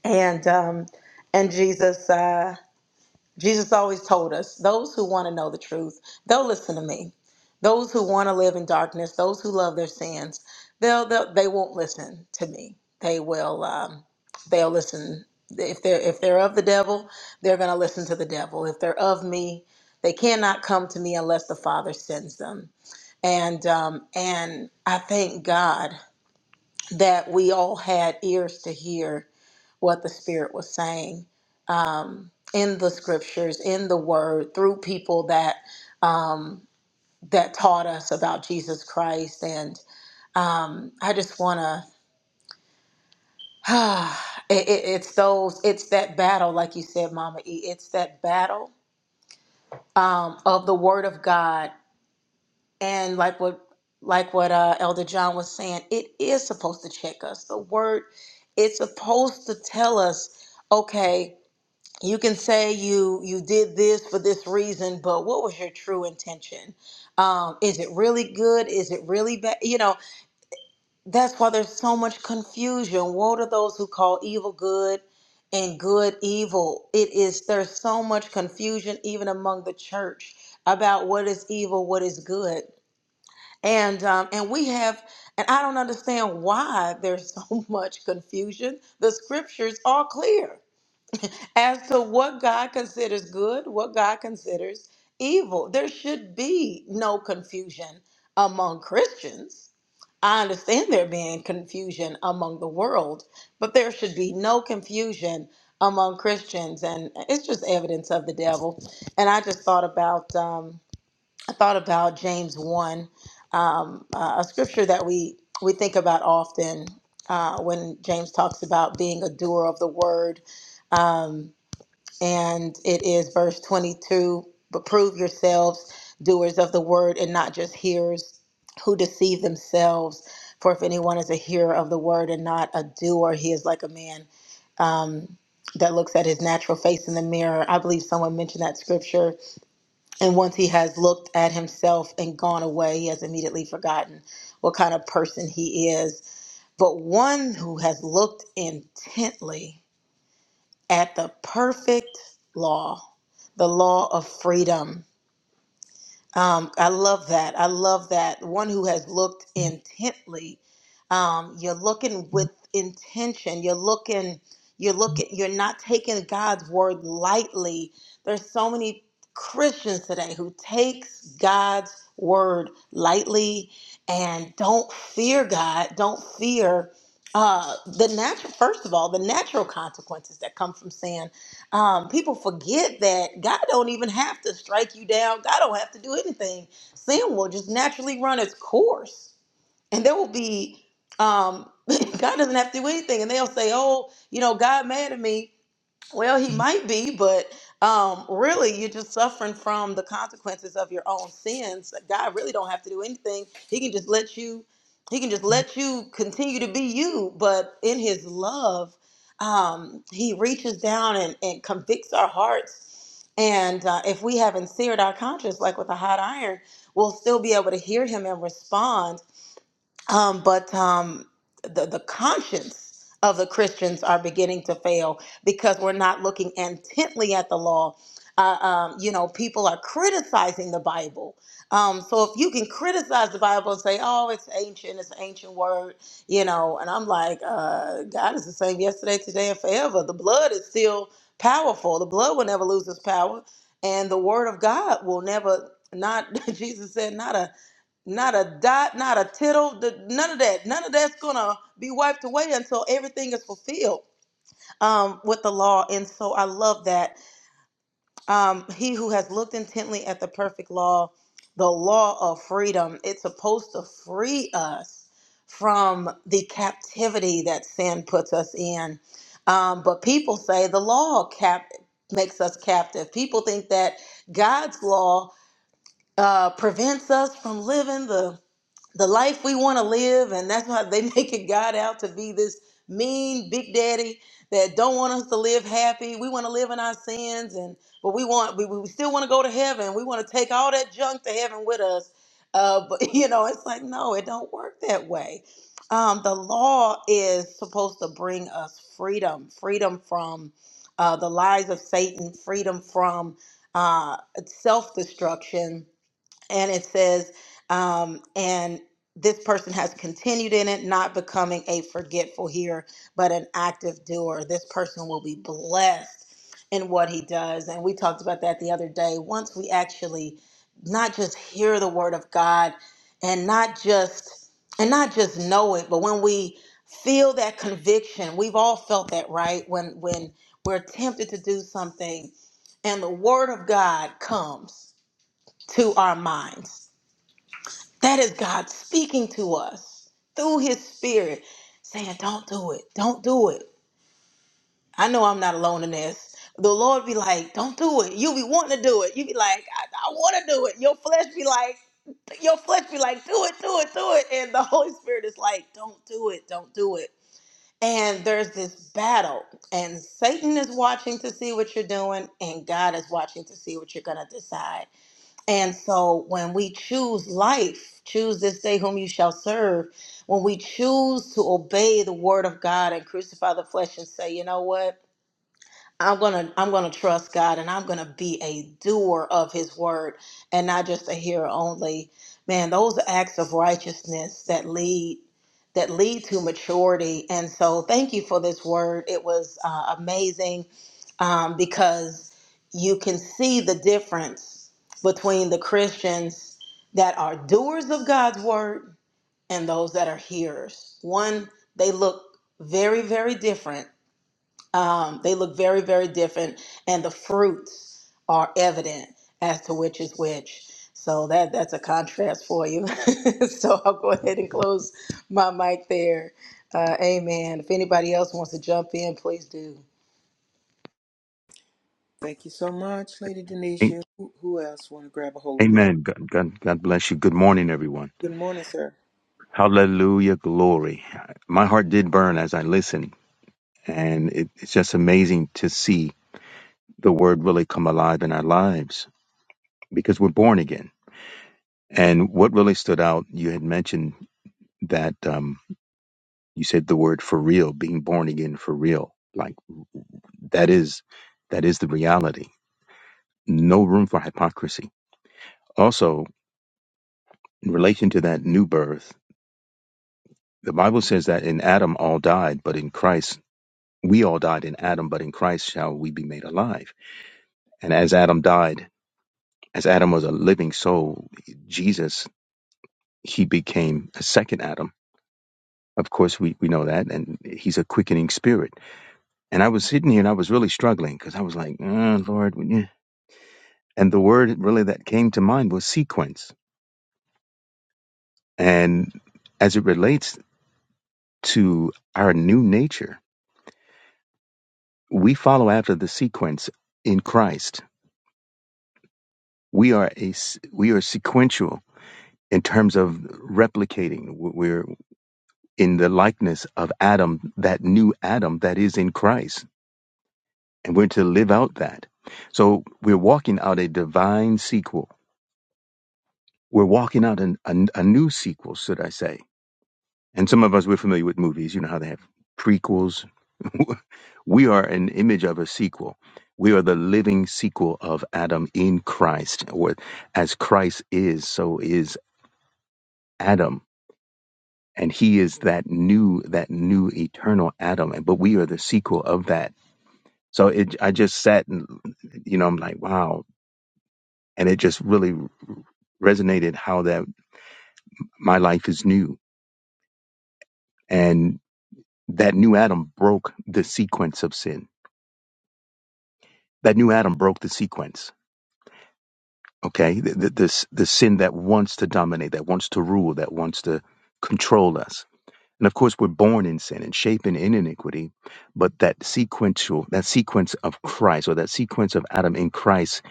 D: and um, and Jesus. Uh, Jesus always told us those who want to know the truth, they'll listen to me. Those who want to live in darkness, those who love their sins, they'll, they'll they won't listen to me. They will um, they'll listen if they're if they're of the devil, they're going to listen to the devil. If they're of me, they cannot come to me unless the Father sends them. And um, and I thank God that we all had ears to hear what the Spirit was saying um, in the scriptures, in the Word, through people that um, that taught us about Jesus Christ. And um, I just want to. it, it, it's those. It's that battle, like you said, Mama E. It's that battle um, of the Word of God and like what like what uh, elder john was saying it is supposed to check us the word it's supposed to tell us okay you can say you you did this for this reason but what was your true intention um, is it really good is it really bad you know that's why there's so much confusion woe to those who call evil good and good evil it is there's so much confusion even among the church about what is evil what is good and um, and we have and i don't understand why there's so much confusion the scriptures are clear as to what god considers good what god considers evil there should be no confusion among christians i understand there being confusion among the world but there should be no confusion among christians and it's just evidence of the devil and i just thought about um, I thought about James 1, um, uh, a scripture that we, we think about often uh, when James talks about being a doer of the word. Um, and it is verse 22 But prove yourselves doers of the word and not just hearers who deceive themselves. For if anyone is a hearer of the word and not a doer, he is like a man. Um, that looks at his natural face in the mirror. I believe someone mentioned that scripture and once he has looked at himself and gone away, he has immediately forgotten what kind of person he is. But one who has looked intently at the perfect law, the law of freedom um, I love that. I love that. One who has looked intently. Um, you're looking with intention. You're looking. You're looking. You're not taking God's word lightly. There's so many Christians today who takes God's word lightly and don't fear God. Don't fear uh the natural first of all the natural consequences that come from sin um, people forget that God don't even have to strike you down. God don't have to do anything. Sin will just naturally run its course, and there will be um, God doesn't have to do anything. And they'll say, "Oh, you know, God mad at me." Well, he might be, but um, really, you're just suffering from the consequences of your own sins. God really don't have to do anything. He can just let you. He can just let you continue to be you. But in His love, um, He reaches down and, and convicts our hearts. And uh, if we haven't seared our conscience like with a hot iron, we'll still be able to hear Him and respond um, but um, the the conscience of the Christians are beginning to fail because we're not looking intently at the law. Uh, um, you know, people are criticizing the Bible. Um, so if you can criticize the Bible and say, "Oh, it's ancient, it's an ancient word," you know, and I'm like, uh, God is the same yesterday, today, and forever. The blood is still powerful. The blood will never lose its power, and the Word of God will never not. Jesus said, "Not a." Not a dot, not a tittle, th- none of that. None of that's going to be wiped away until everything is fulfilled um, with the law. And so I love that. Um, he who has looked intently at the perfect law, the law of freedom, it's supposed to free us from the captivity that sin puts us in. Um, but people say the law cap- makes us captive. People think that God's law uh, prevents us from living the the life we want to live, and that's why they making God out to be this mean big daddy that don't want us to live happy. We want to live in our sins, and but we want we, we still want to go to heaven. We want to take all that junk to heaven with us. Uh, but you know, it's like no, it don't work that way. Um, the law is supposed to bring us freedom, freedom from uh, the lies of Satan, freedom from uh, self destruction and it says, um, and this person has continued in it, not becoming a forgetful hearer, but an active doer. This person will be blessed in what he does. And we talked about that the other day. Once we actually not just hear the word of God and not just and not just know it, but when we feel that conviction, we've all felt that, right? When when we're tempted to do something and the word of God comes to our minds that is God speaking to us through his spirit, saying, Don't do it. Don't do it. I know I'm not alone in this. The Lord be like, Don't do it. You be wanting to do it. You be like, I, I want to do it. Your flesh be like, your flesh be like, do it, do it, do it. And the Holy Spirit is like, don't do it, don't do it. And there's this battle, and Satan is watching to see what you're doing, and God is watching to see what you're going to decide. And so when we choose life, choose this day whom you shall serve, when we choose to obey the word of God and crucify the flesh and say, you know what? I'm gonna I'm gonna trust God and I'm gonna be a doer of his word and not just a hearer only. Man, those are acts of righteousness that lead that lead to maturity. And so thank you for this word. It was uh, amazing um, because you can see the difference between the Christians that are doers of God's word and those that are hearers. One, they look very, very different um, they look very, very different, and the fruits are evident as to which is which. So that that's a contrast for you. so I'll go ahead and close my mic there. Uh, amen. If anybody else wants to jump in, please do.
B: Thank you so much, Lady Denisha. Who, who else want to grab a hold of this?
F: Amen. God, God, God bless you. Good morning, everyone.
B: Good morning, sir.
F: Hallelujah. Glory. My heart did burn as I listened, and it, it's just amazing to see the word really come alive in our lives because we're born again. And what really stood out, you had mentioned that um, you said the word for real, being born again for real. Like that is that is the reality. No room for hypocrisy. Also, in relation to that new birth, The Bible says that in Adam all died, but in Christ, we all died in Adam, but in Christ shall we be made alive. And as Adam died, as Adam was a living soul, Jesus, he became a second Adam. Of course, we, we know that, and he's a quickening spirit. And I was sitting here and I was really struggling because I was like, "Uh, Lord. eh." And the word really that came to mind was sequence. And as it relates to our new nature, we follow after the sequence in Christ we are a we are sequential in terms of replicating we're in the likeness of adam that new adam that is in christ and we're to live out that so we're walking out a divine sequel we're walking out an, a, a new sequel should i say and some of us we're familiar with movies you know how they have prequels we are an image of a sequel we are the living sequel of adam in christ or as christ is so is adam and he is that new that new eternal adam but we are the sequel of that so it i just sat and you know i'm like wow and it just really resonated how that my life is new and that new adam broke the sequence of sin that new adam broke the sequence okay the, the, the, the sin that wants to dominate that wants to rule that wants to control us And of course, we're born in sin and shapen in iniquity, but that sequential, that sequence of Christ or that sequence of Adam in Christ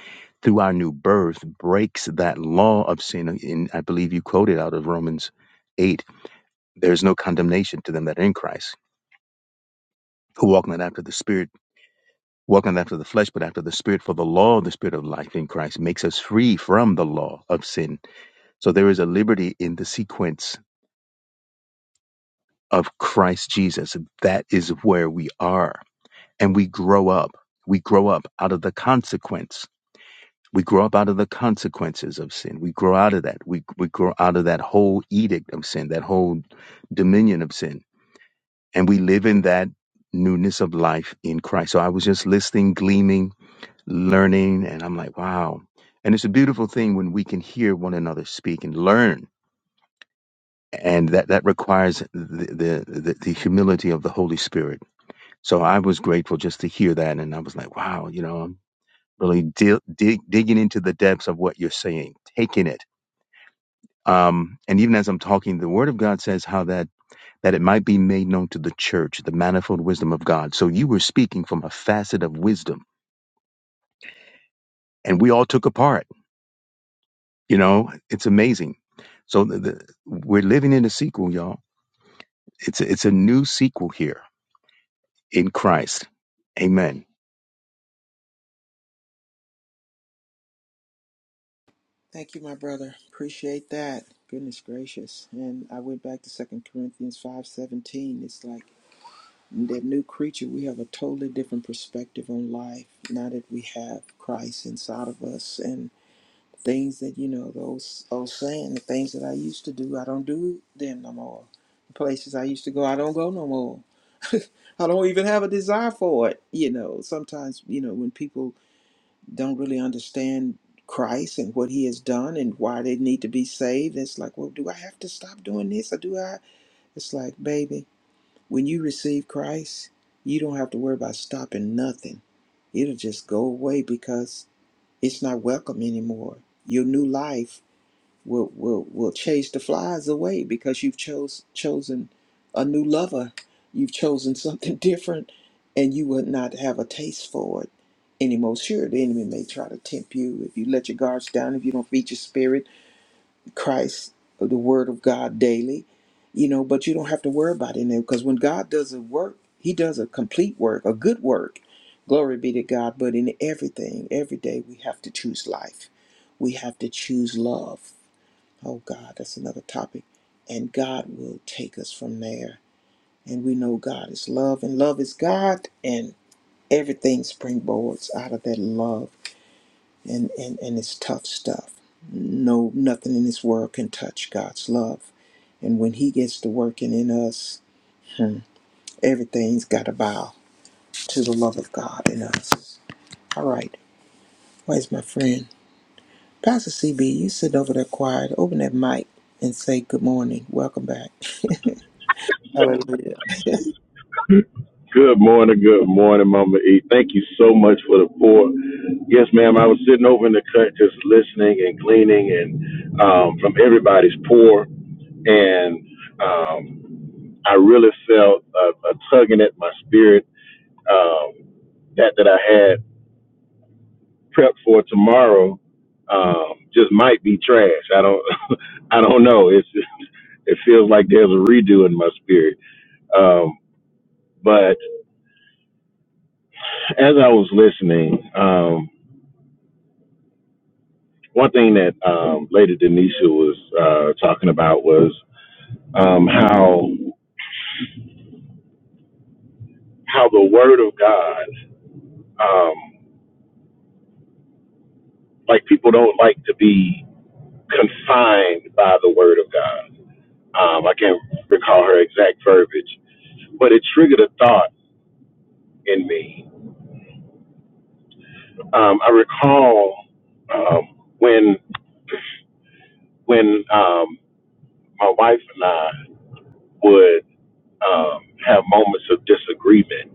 F: through our new birth breaks that law of sin. And I believe you quoted out of Romans 8 there's no condemnation to them that are in Christ, who walk not after the Spirit, walk not after the flesh, but after the Spirit. For the law of the Spirit of life in Christ makes us free from the law of sin. So there is a liberty in the sequence of Christ Jesus. That is where we are and we grow up. We grow up out of the consequence. We grow up out of the consequences of sin. We grow out of that. We, we grow out of that whole edict of sin, that whole dominion of sin. And we live in that newness of life in Christ. So I was just listening, gleaming, learning, and I'm like, wow. And it's a beautiful thing when we can hear one another speak and learn. And that, that requires the, the, the the humility of the Holy Spirit. So I was grateful just to hear that. And I was like, wow, you know, really di- dig, digging into the depths of what you're saying, taking it. Um, and even as I'm talking, the Word of God says how that that it might be made known to the church, the manifold wisdom of God. So you were speaking from a facet of wisdom, and we all took a part. You know, it's amazing. So the, the, we're living in a sequel, y'all. It's a, it's a new sequel here in Christ. Amen.
B: Thank you, my brother. Appreciate that. Goodness gracious. And I went back to Second Corinthians 5.17. It's like that new creature, we have a totally different perspective on life now that we have Christ inside of us. And things that, you know, those old saying, the things that I used to do, I don't do them no more. The places I used to go, I don't go no more. I don't even have a desire for it. You know, sometimes, you know, when people don't really understand Christ and what he has done and why they need to be saved. It's like, well, do I have to stop doing this or do I? It's like, baby, when you receive Christ, you don't have to worry about stopping nothing. It'll just go away because it's not welcome anymore. Your new life will will will chase the flies away because you've chose chosen a new lover. You've chosen something different, and you will not have a taste for it anymore. Sure, the enemy may try to tempt you if you let your guards down, if you don't feed your spirit, Christ, or the Word of God daily, you know. But you don't have to worry about it now because when God does a work, He does a complete work, a good work. Glory be to God. But in everything, every day, we have to choose life. We have to choose love Oh God, that's another topic. And God will take us from there. And we know God is love, and love is God, and everything springboards out of that love. And and and it's tough stuff. No, nothing in this world can touch God's love. And when He gets to working in us, hmm, everything's got to bow to the love of God in us. All right, where's my friend? Pastor CB, you sit over there quiet, open that mic and say good morning. Welcome back. Hallelujah.
G: Good morning, good morning, Mama E. Thank you so much for the pour. Yes, ma'am. I was sitting over in the cut just listening and gleaning and um, from everybody's pour. And um, I really felt a, a tugging at my spirit um, that that I had prepped for tomorrow um, just might be trash. I don't I don't know. It's it feels like there's a redo in my spirit. Um, but as I was listening, um, one thing that um, Lady Denisha was uh, talking about was um, how how the Word of God, um, like people don't like to be confined by the Word of God. Um, I can't recall her exact verbiage, but it triggered a thought in me. Um, I recall um, when when um, my wife and I would um, have moments of disagreement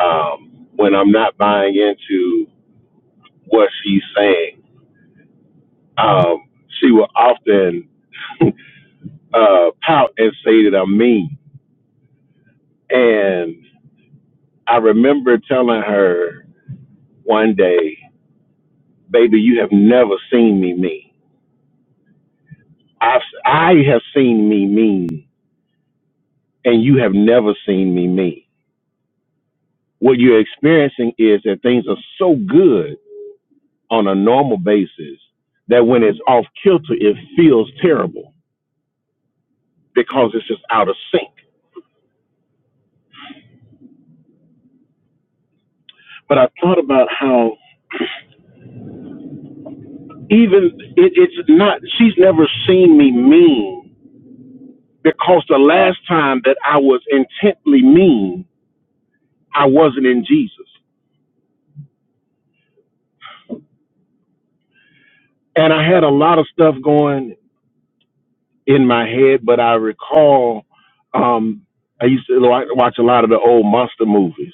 G: um, when I'm not buying into what she's saying. Um, she will often uh, pout and say that I'm mean. And I remember telling her one day, baby, you have never seen me mean. I've, I have seen me mean, and you have never seen me mean. What you're experiencing is that things are so good on a normal basis that when it's off kilter, it feels terrible because it's just out of sync. But I thought about how even it, it's not she's never seen me mean because the last time that i was intently mean i wasn't in jesus and i had a lot of stuff going in my head but i recall um i used to like watch a lot of the old monster movies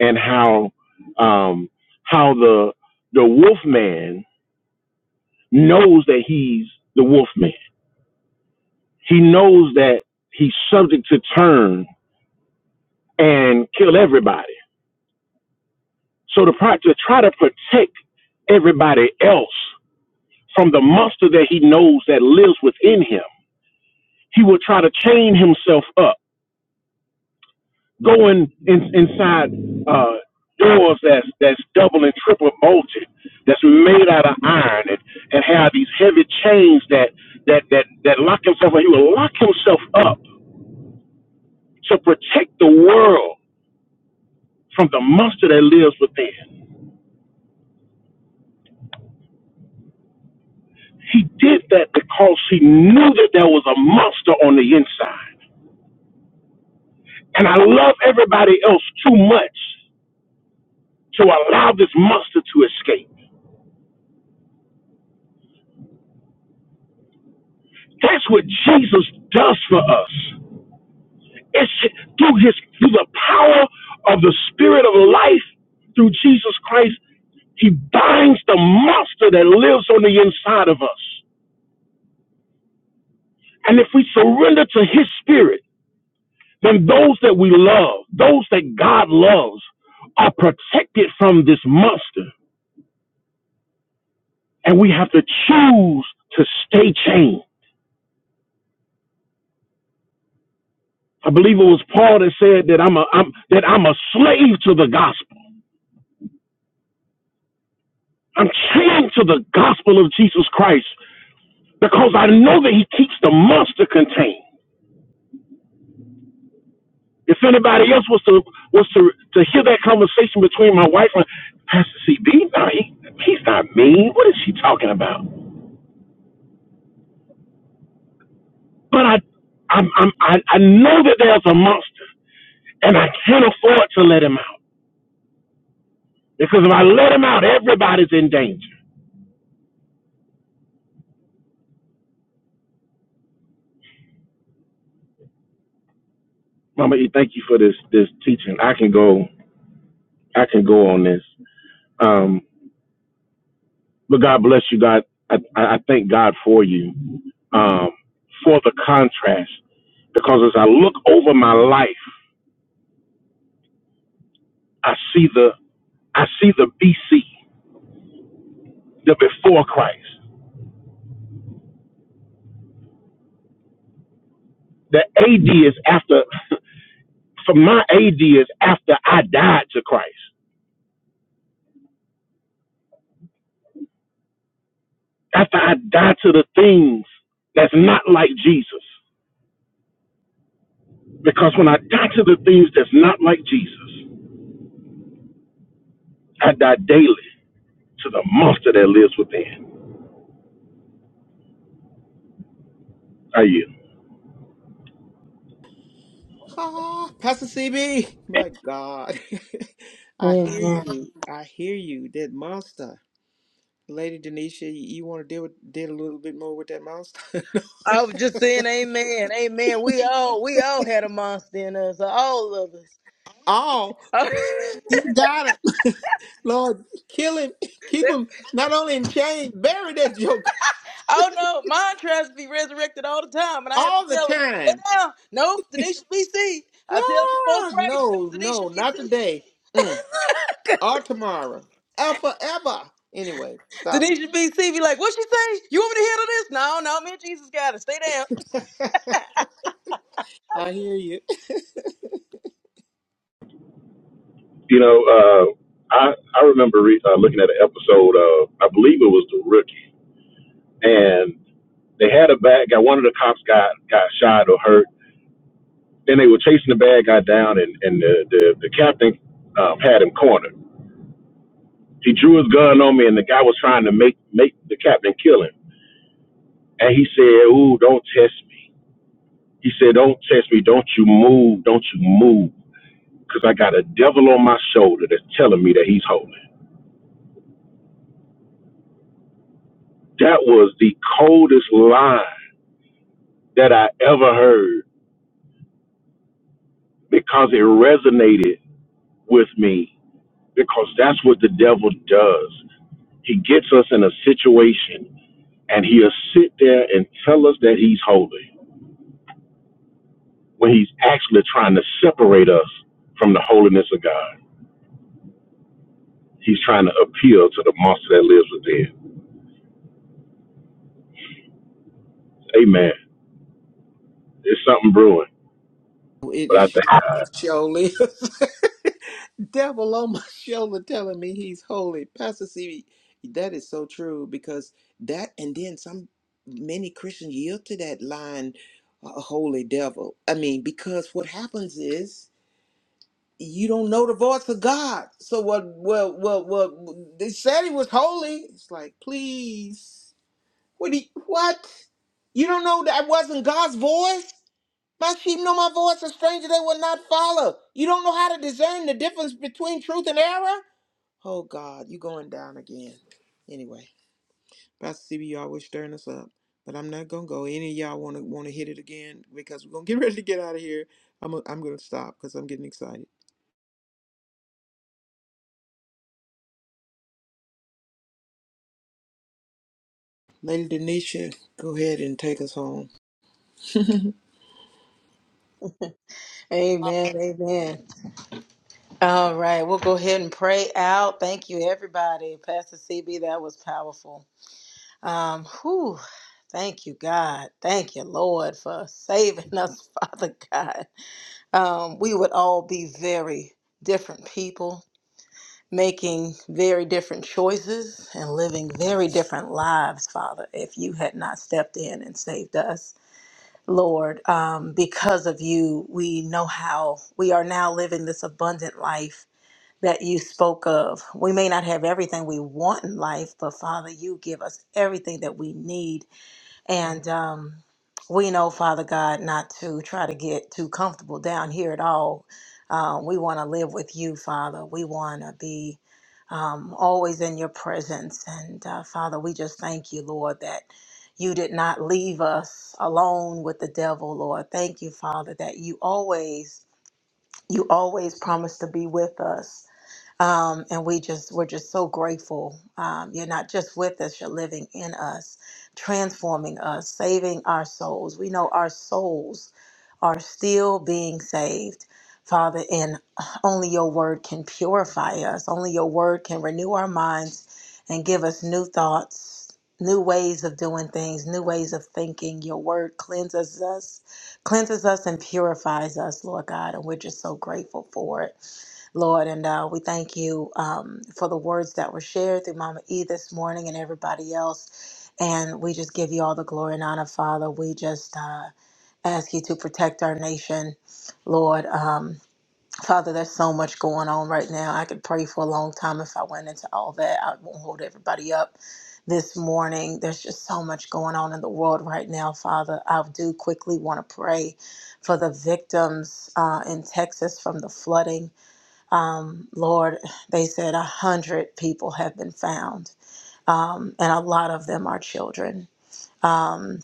G: and how um how the the wolf man knows that he's the wolf man he knows that he's subject to turn and kill everybody So to, pro- to try to protect everybody else from the monster that he knows that lives within him, he will try to chain himself up, going in, inside uh, doors that's that's double and triple bolted, that's made out of iron, and, and have these heavy chains that that that that lock himself up. He will lock himself up to protect the world from the monster that lives within. He did that because he knew that there was a monster on the inside. And I love everybody else too much to allow this monster to escape. That's what Jesus does for us. It's through his through the power of the spirit of life through Jesus Christ, he binds the monster that lives on the inside of us. And if we surrender to his spirit, then those that we love, those that God loves, are protected from this monster. And we have to choose to stay chained. I believe it was Paul that said that I'm a I'm that I'm a slave to the gospel. I'm chained to the gospel of Jesus Christ because I know that he keeps the monster contained. If anybody else was to was to to hear that conversation between my wife and Pastor CB, no, he, he's not mean. What is she talking about? But I I'm, I'm I I know that there's a monster, and I can't afford to let him out because if I let him out, everybody's in danger. Mama E, thank you for this this teaching. I can go. I can go on this. Um, but God bless you, God. I, I thank God for you, um, for the contrast, because as I look over my life, I see the I see the BC, the before Christ. The AD is after. For my AD is after I died to Christ, after I died to the things that's not like Jesus. Because when I die to the things that's not like Jesus, I die daily to the monster that lives within. I yield.
B: Ah, Pastor CB, my God. I hear
D: Amen.
B: you. I hear you. That monster. Lady Denisha, you, you want to deal with deal a little bit more with that monster?
D: I was just saying, Amen, Amen. We all we all had a monster in us, all of us.
B: oh,
D: Oh,
B: you got him. Lord, kill him. Keep him not only in chains, bury that joke
D: oh no, mine tries to be resurrected all the time, and I have to
B: all the
D: tell it
B: time.
D: now. Nope, today should be seed. I tell it before
B: Ah,
D: Christ,
B: no,
D: today
B: no,
D: should be
B: not
D: seed.
B: today. Mm, or tomorrow. Or forever. Anyway, stop.
D: Denisha BC be like, what she say? You want me to handle this? No, no, me and Jesus got it. Stay down.
B: I hear you.
G: You know, uh, I I remember re- uh, looking at an episode of I believe it was the rookie, and they had a bad guy. One of the cops got got shot or hurt. Then they were chasing the bad guy down, and and the the, the captain um, had him cornered. He drew his gun on me, and the guy was trying to make make the captain kill him. And he said, "Ooh, don't test me." He said, "Don't test me. Don't you move. Don't you move." Because I got a devil on my shoulder that's telling me that he's holy. That was the coldest line that I ever heard because it resonated with me. Because that's what the devil does. He gets us in a situation and he'll sit there and tell us that he's holy when he's actually trying to separate us from the holiness of God. He's trying to appeal to the monster that lives within. Amen. There's something brewing,
B: It
G: but
B: is
G: I
B: sure,
G: think.
B: surely. devil on my shoulder telling me he's holy. Pastor C, that is so true because that, and then some many Christians yield to that line, uh, holy devil. I mean, because what happens is you don't know the voice of God. So what? What? What? What? They said he was holy. It's like, please, what? He, what? You don't know that wasn't God's voice. My sheep know my voice, a stranger they will not follow. You don't know how to discern the difference between truth and error? Oh God, you going down again. Anyway, Pastor CB, y'all was stirring us up. But I'm not gonna go. Any of y'all wanna wanna hit it again because we're gonna get ready to get out of here. I'm i I'm gonna stop because I'm getting excited. Lady Denisha, go ahead and take us home.
D: Amen. Amen. All right, we'll go ahead and pray out. Thank you, everybody. Pastor CB, that was powerful. Um, whew. Thank you, God. Thank you, Lord, for saving us, Father God. Um, we would all be very different people, making very different choices and living very different lives, Father, if you had not stepped in and saved us. Lord, um, because of you, we know how we are now living this abundant life that you spoke of. We may not have everything we want in life, but Father, you give us everything that we need and um, we know, Father God, not to try to get too comfortable down here at all. Uh, we want to live with you, Father. We want to be um, always in your presence. And uh, Father, we just thank you, Lord, that you did not leave us alone with the devil, Lord. Thank you, Father, that you always, you always promise to be with us um, and we just we're just so grateful. Um, you're not just with us; you're living in us, transforming us, saving our souls. We know our souls are still being saved, Father, and only Your Word can purify us. Only Your Word can renew our minds and give us new thoughts. New ways of doing things, new ways of thinking. Your word cleanses us, cleanses us and purifies us, Lord God, and we're just so grateful for it. Lord, and uh, we thank you um, for the words that were shared through Mama E this morning and everybody else. And we just give you all the glory and honor, Father. We just uh, ask you to protect our nation, Lord. Um, Father, there's so much going on right now. I could pray for a long time if I went into all that. I won't hold everybody up this morning. There's just so much going on in the world right now, Father. I do quickly want to pray for the victims uh, in Texas from the flooding. Um, Lord, they said a hundred people have been found, um, and a lot of them are children. Um,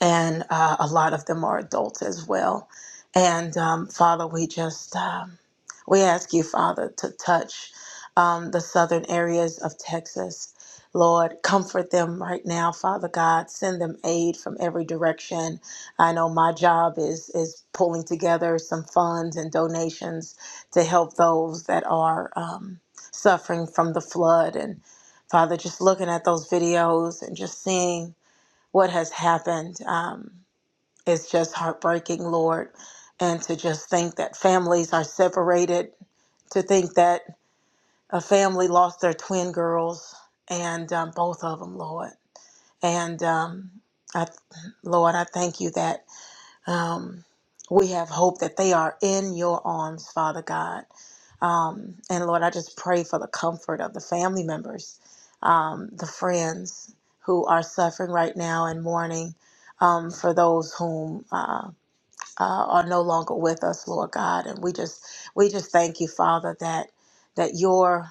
D: and uh, a lot of them are adults as well. And um, Father, we just um, we ask you, Father, to touch um, the southern areas of Texas. Lord, comfort them right now, Father God. Send them aid from every direction. I know my job is is pulling together some funds and donations to help those that are um, suffering from the flood. And Father, just looking at those videos and just seeing what has happened um, is just heartbreaking, Lord. And to just think that families are separated, to think that a family lost their twin girls and um, both of them, Lord. And um, I, Lord, I thank you that um, we have hope that they are in your arms, Father God. Um, and Lord, I just pray for the comfort of the family members, um, the friends who are suffering right now and mourning, um, for those whom uh, uh, are no longer with us, Lord God. And we just we just thank you, Father, that that your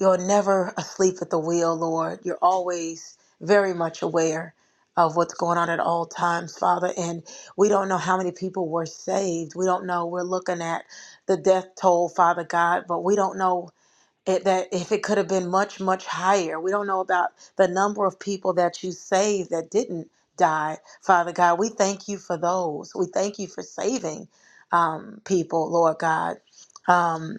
D: you're never asleep at the wheel, Lord. You're always very much aware of what's going on at all times, Father. And we don't know how many people were saved. We don't know. We're looking at the death toll, Father God, but we don't know it, that if it could have been much, much higher. We don't know about the number of people that you saved that didn't die, Father God. We thank you for those. We thank you for saving um, people, Lord God. Um,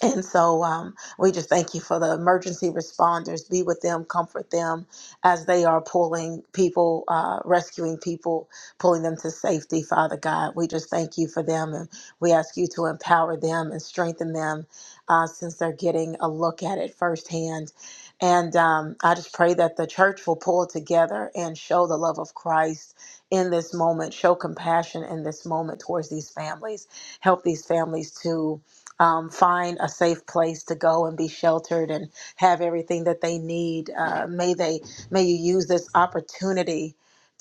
D: and so um, we just thank you for the emergency responders. Be with them, comfort them as they are pulling people, uh, rescuing people, pulling them to safety, Father God. We just thank you for them and we ask you to empower them and strengthen them uh, since they're getting a look at it firsthand. And um, I just pray that the church will pull together and show the love of Christ in this moment, show compassion in this moment towards these families, help these families to um, find a safe place to go and be sheltered and have everything that they need. Uh, may they, may you use this opportunity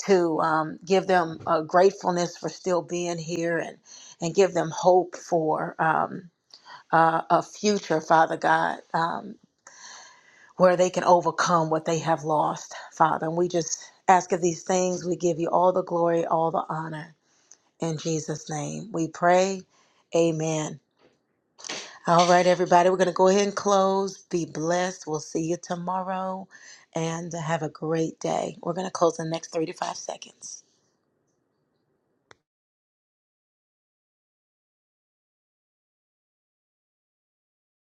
D: to um, give them uh, gratefulness for still being here and and give them hope for um, uh, a future, Father God, um, where they can overcome what they have lost, Father. And we just ask of these things. We give you all the glory, all the honor. In Jesus' name, we pray. Amen. All right, everybody, we're going to go ahead and close. Be blessed. We'll see you tomorrow and have a great day. We're going to close in the next three to five seconds.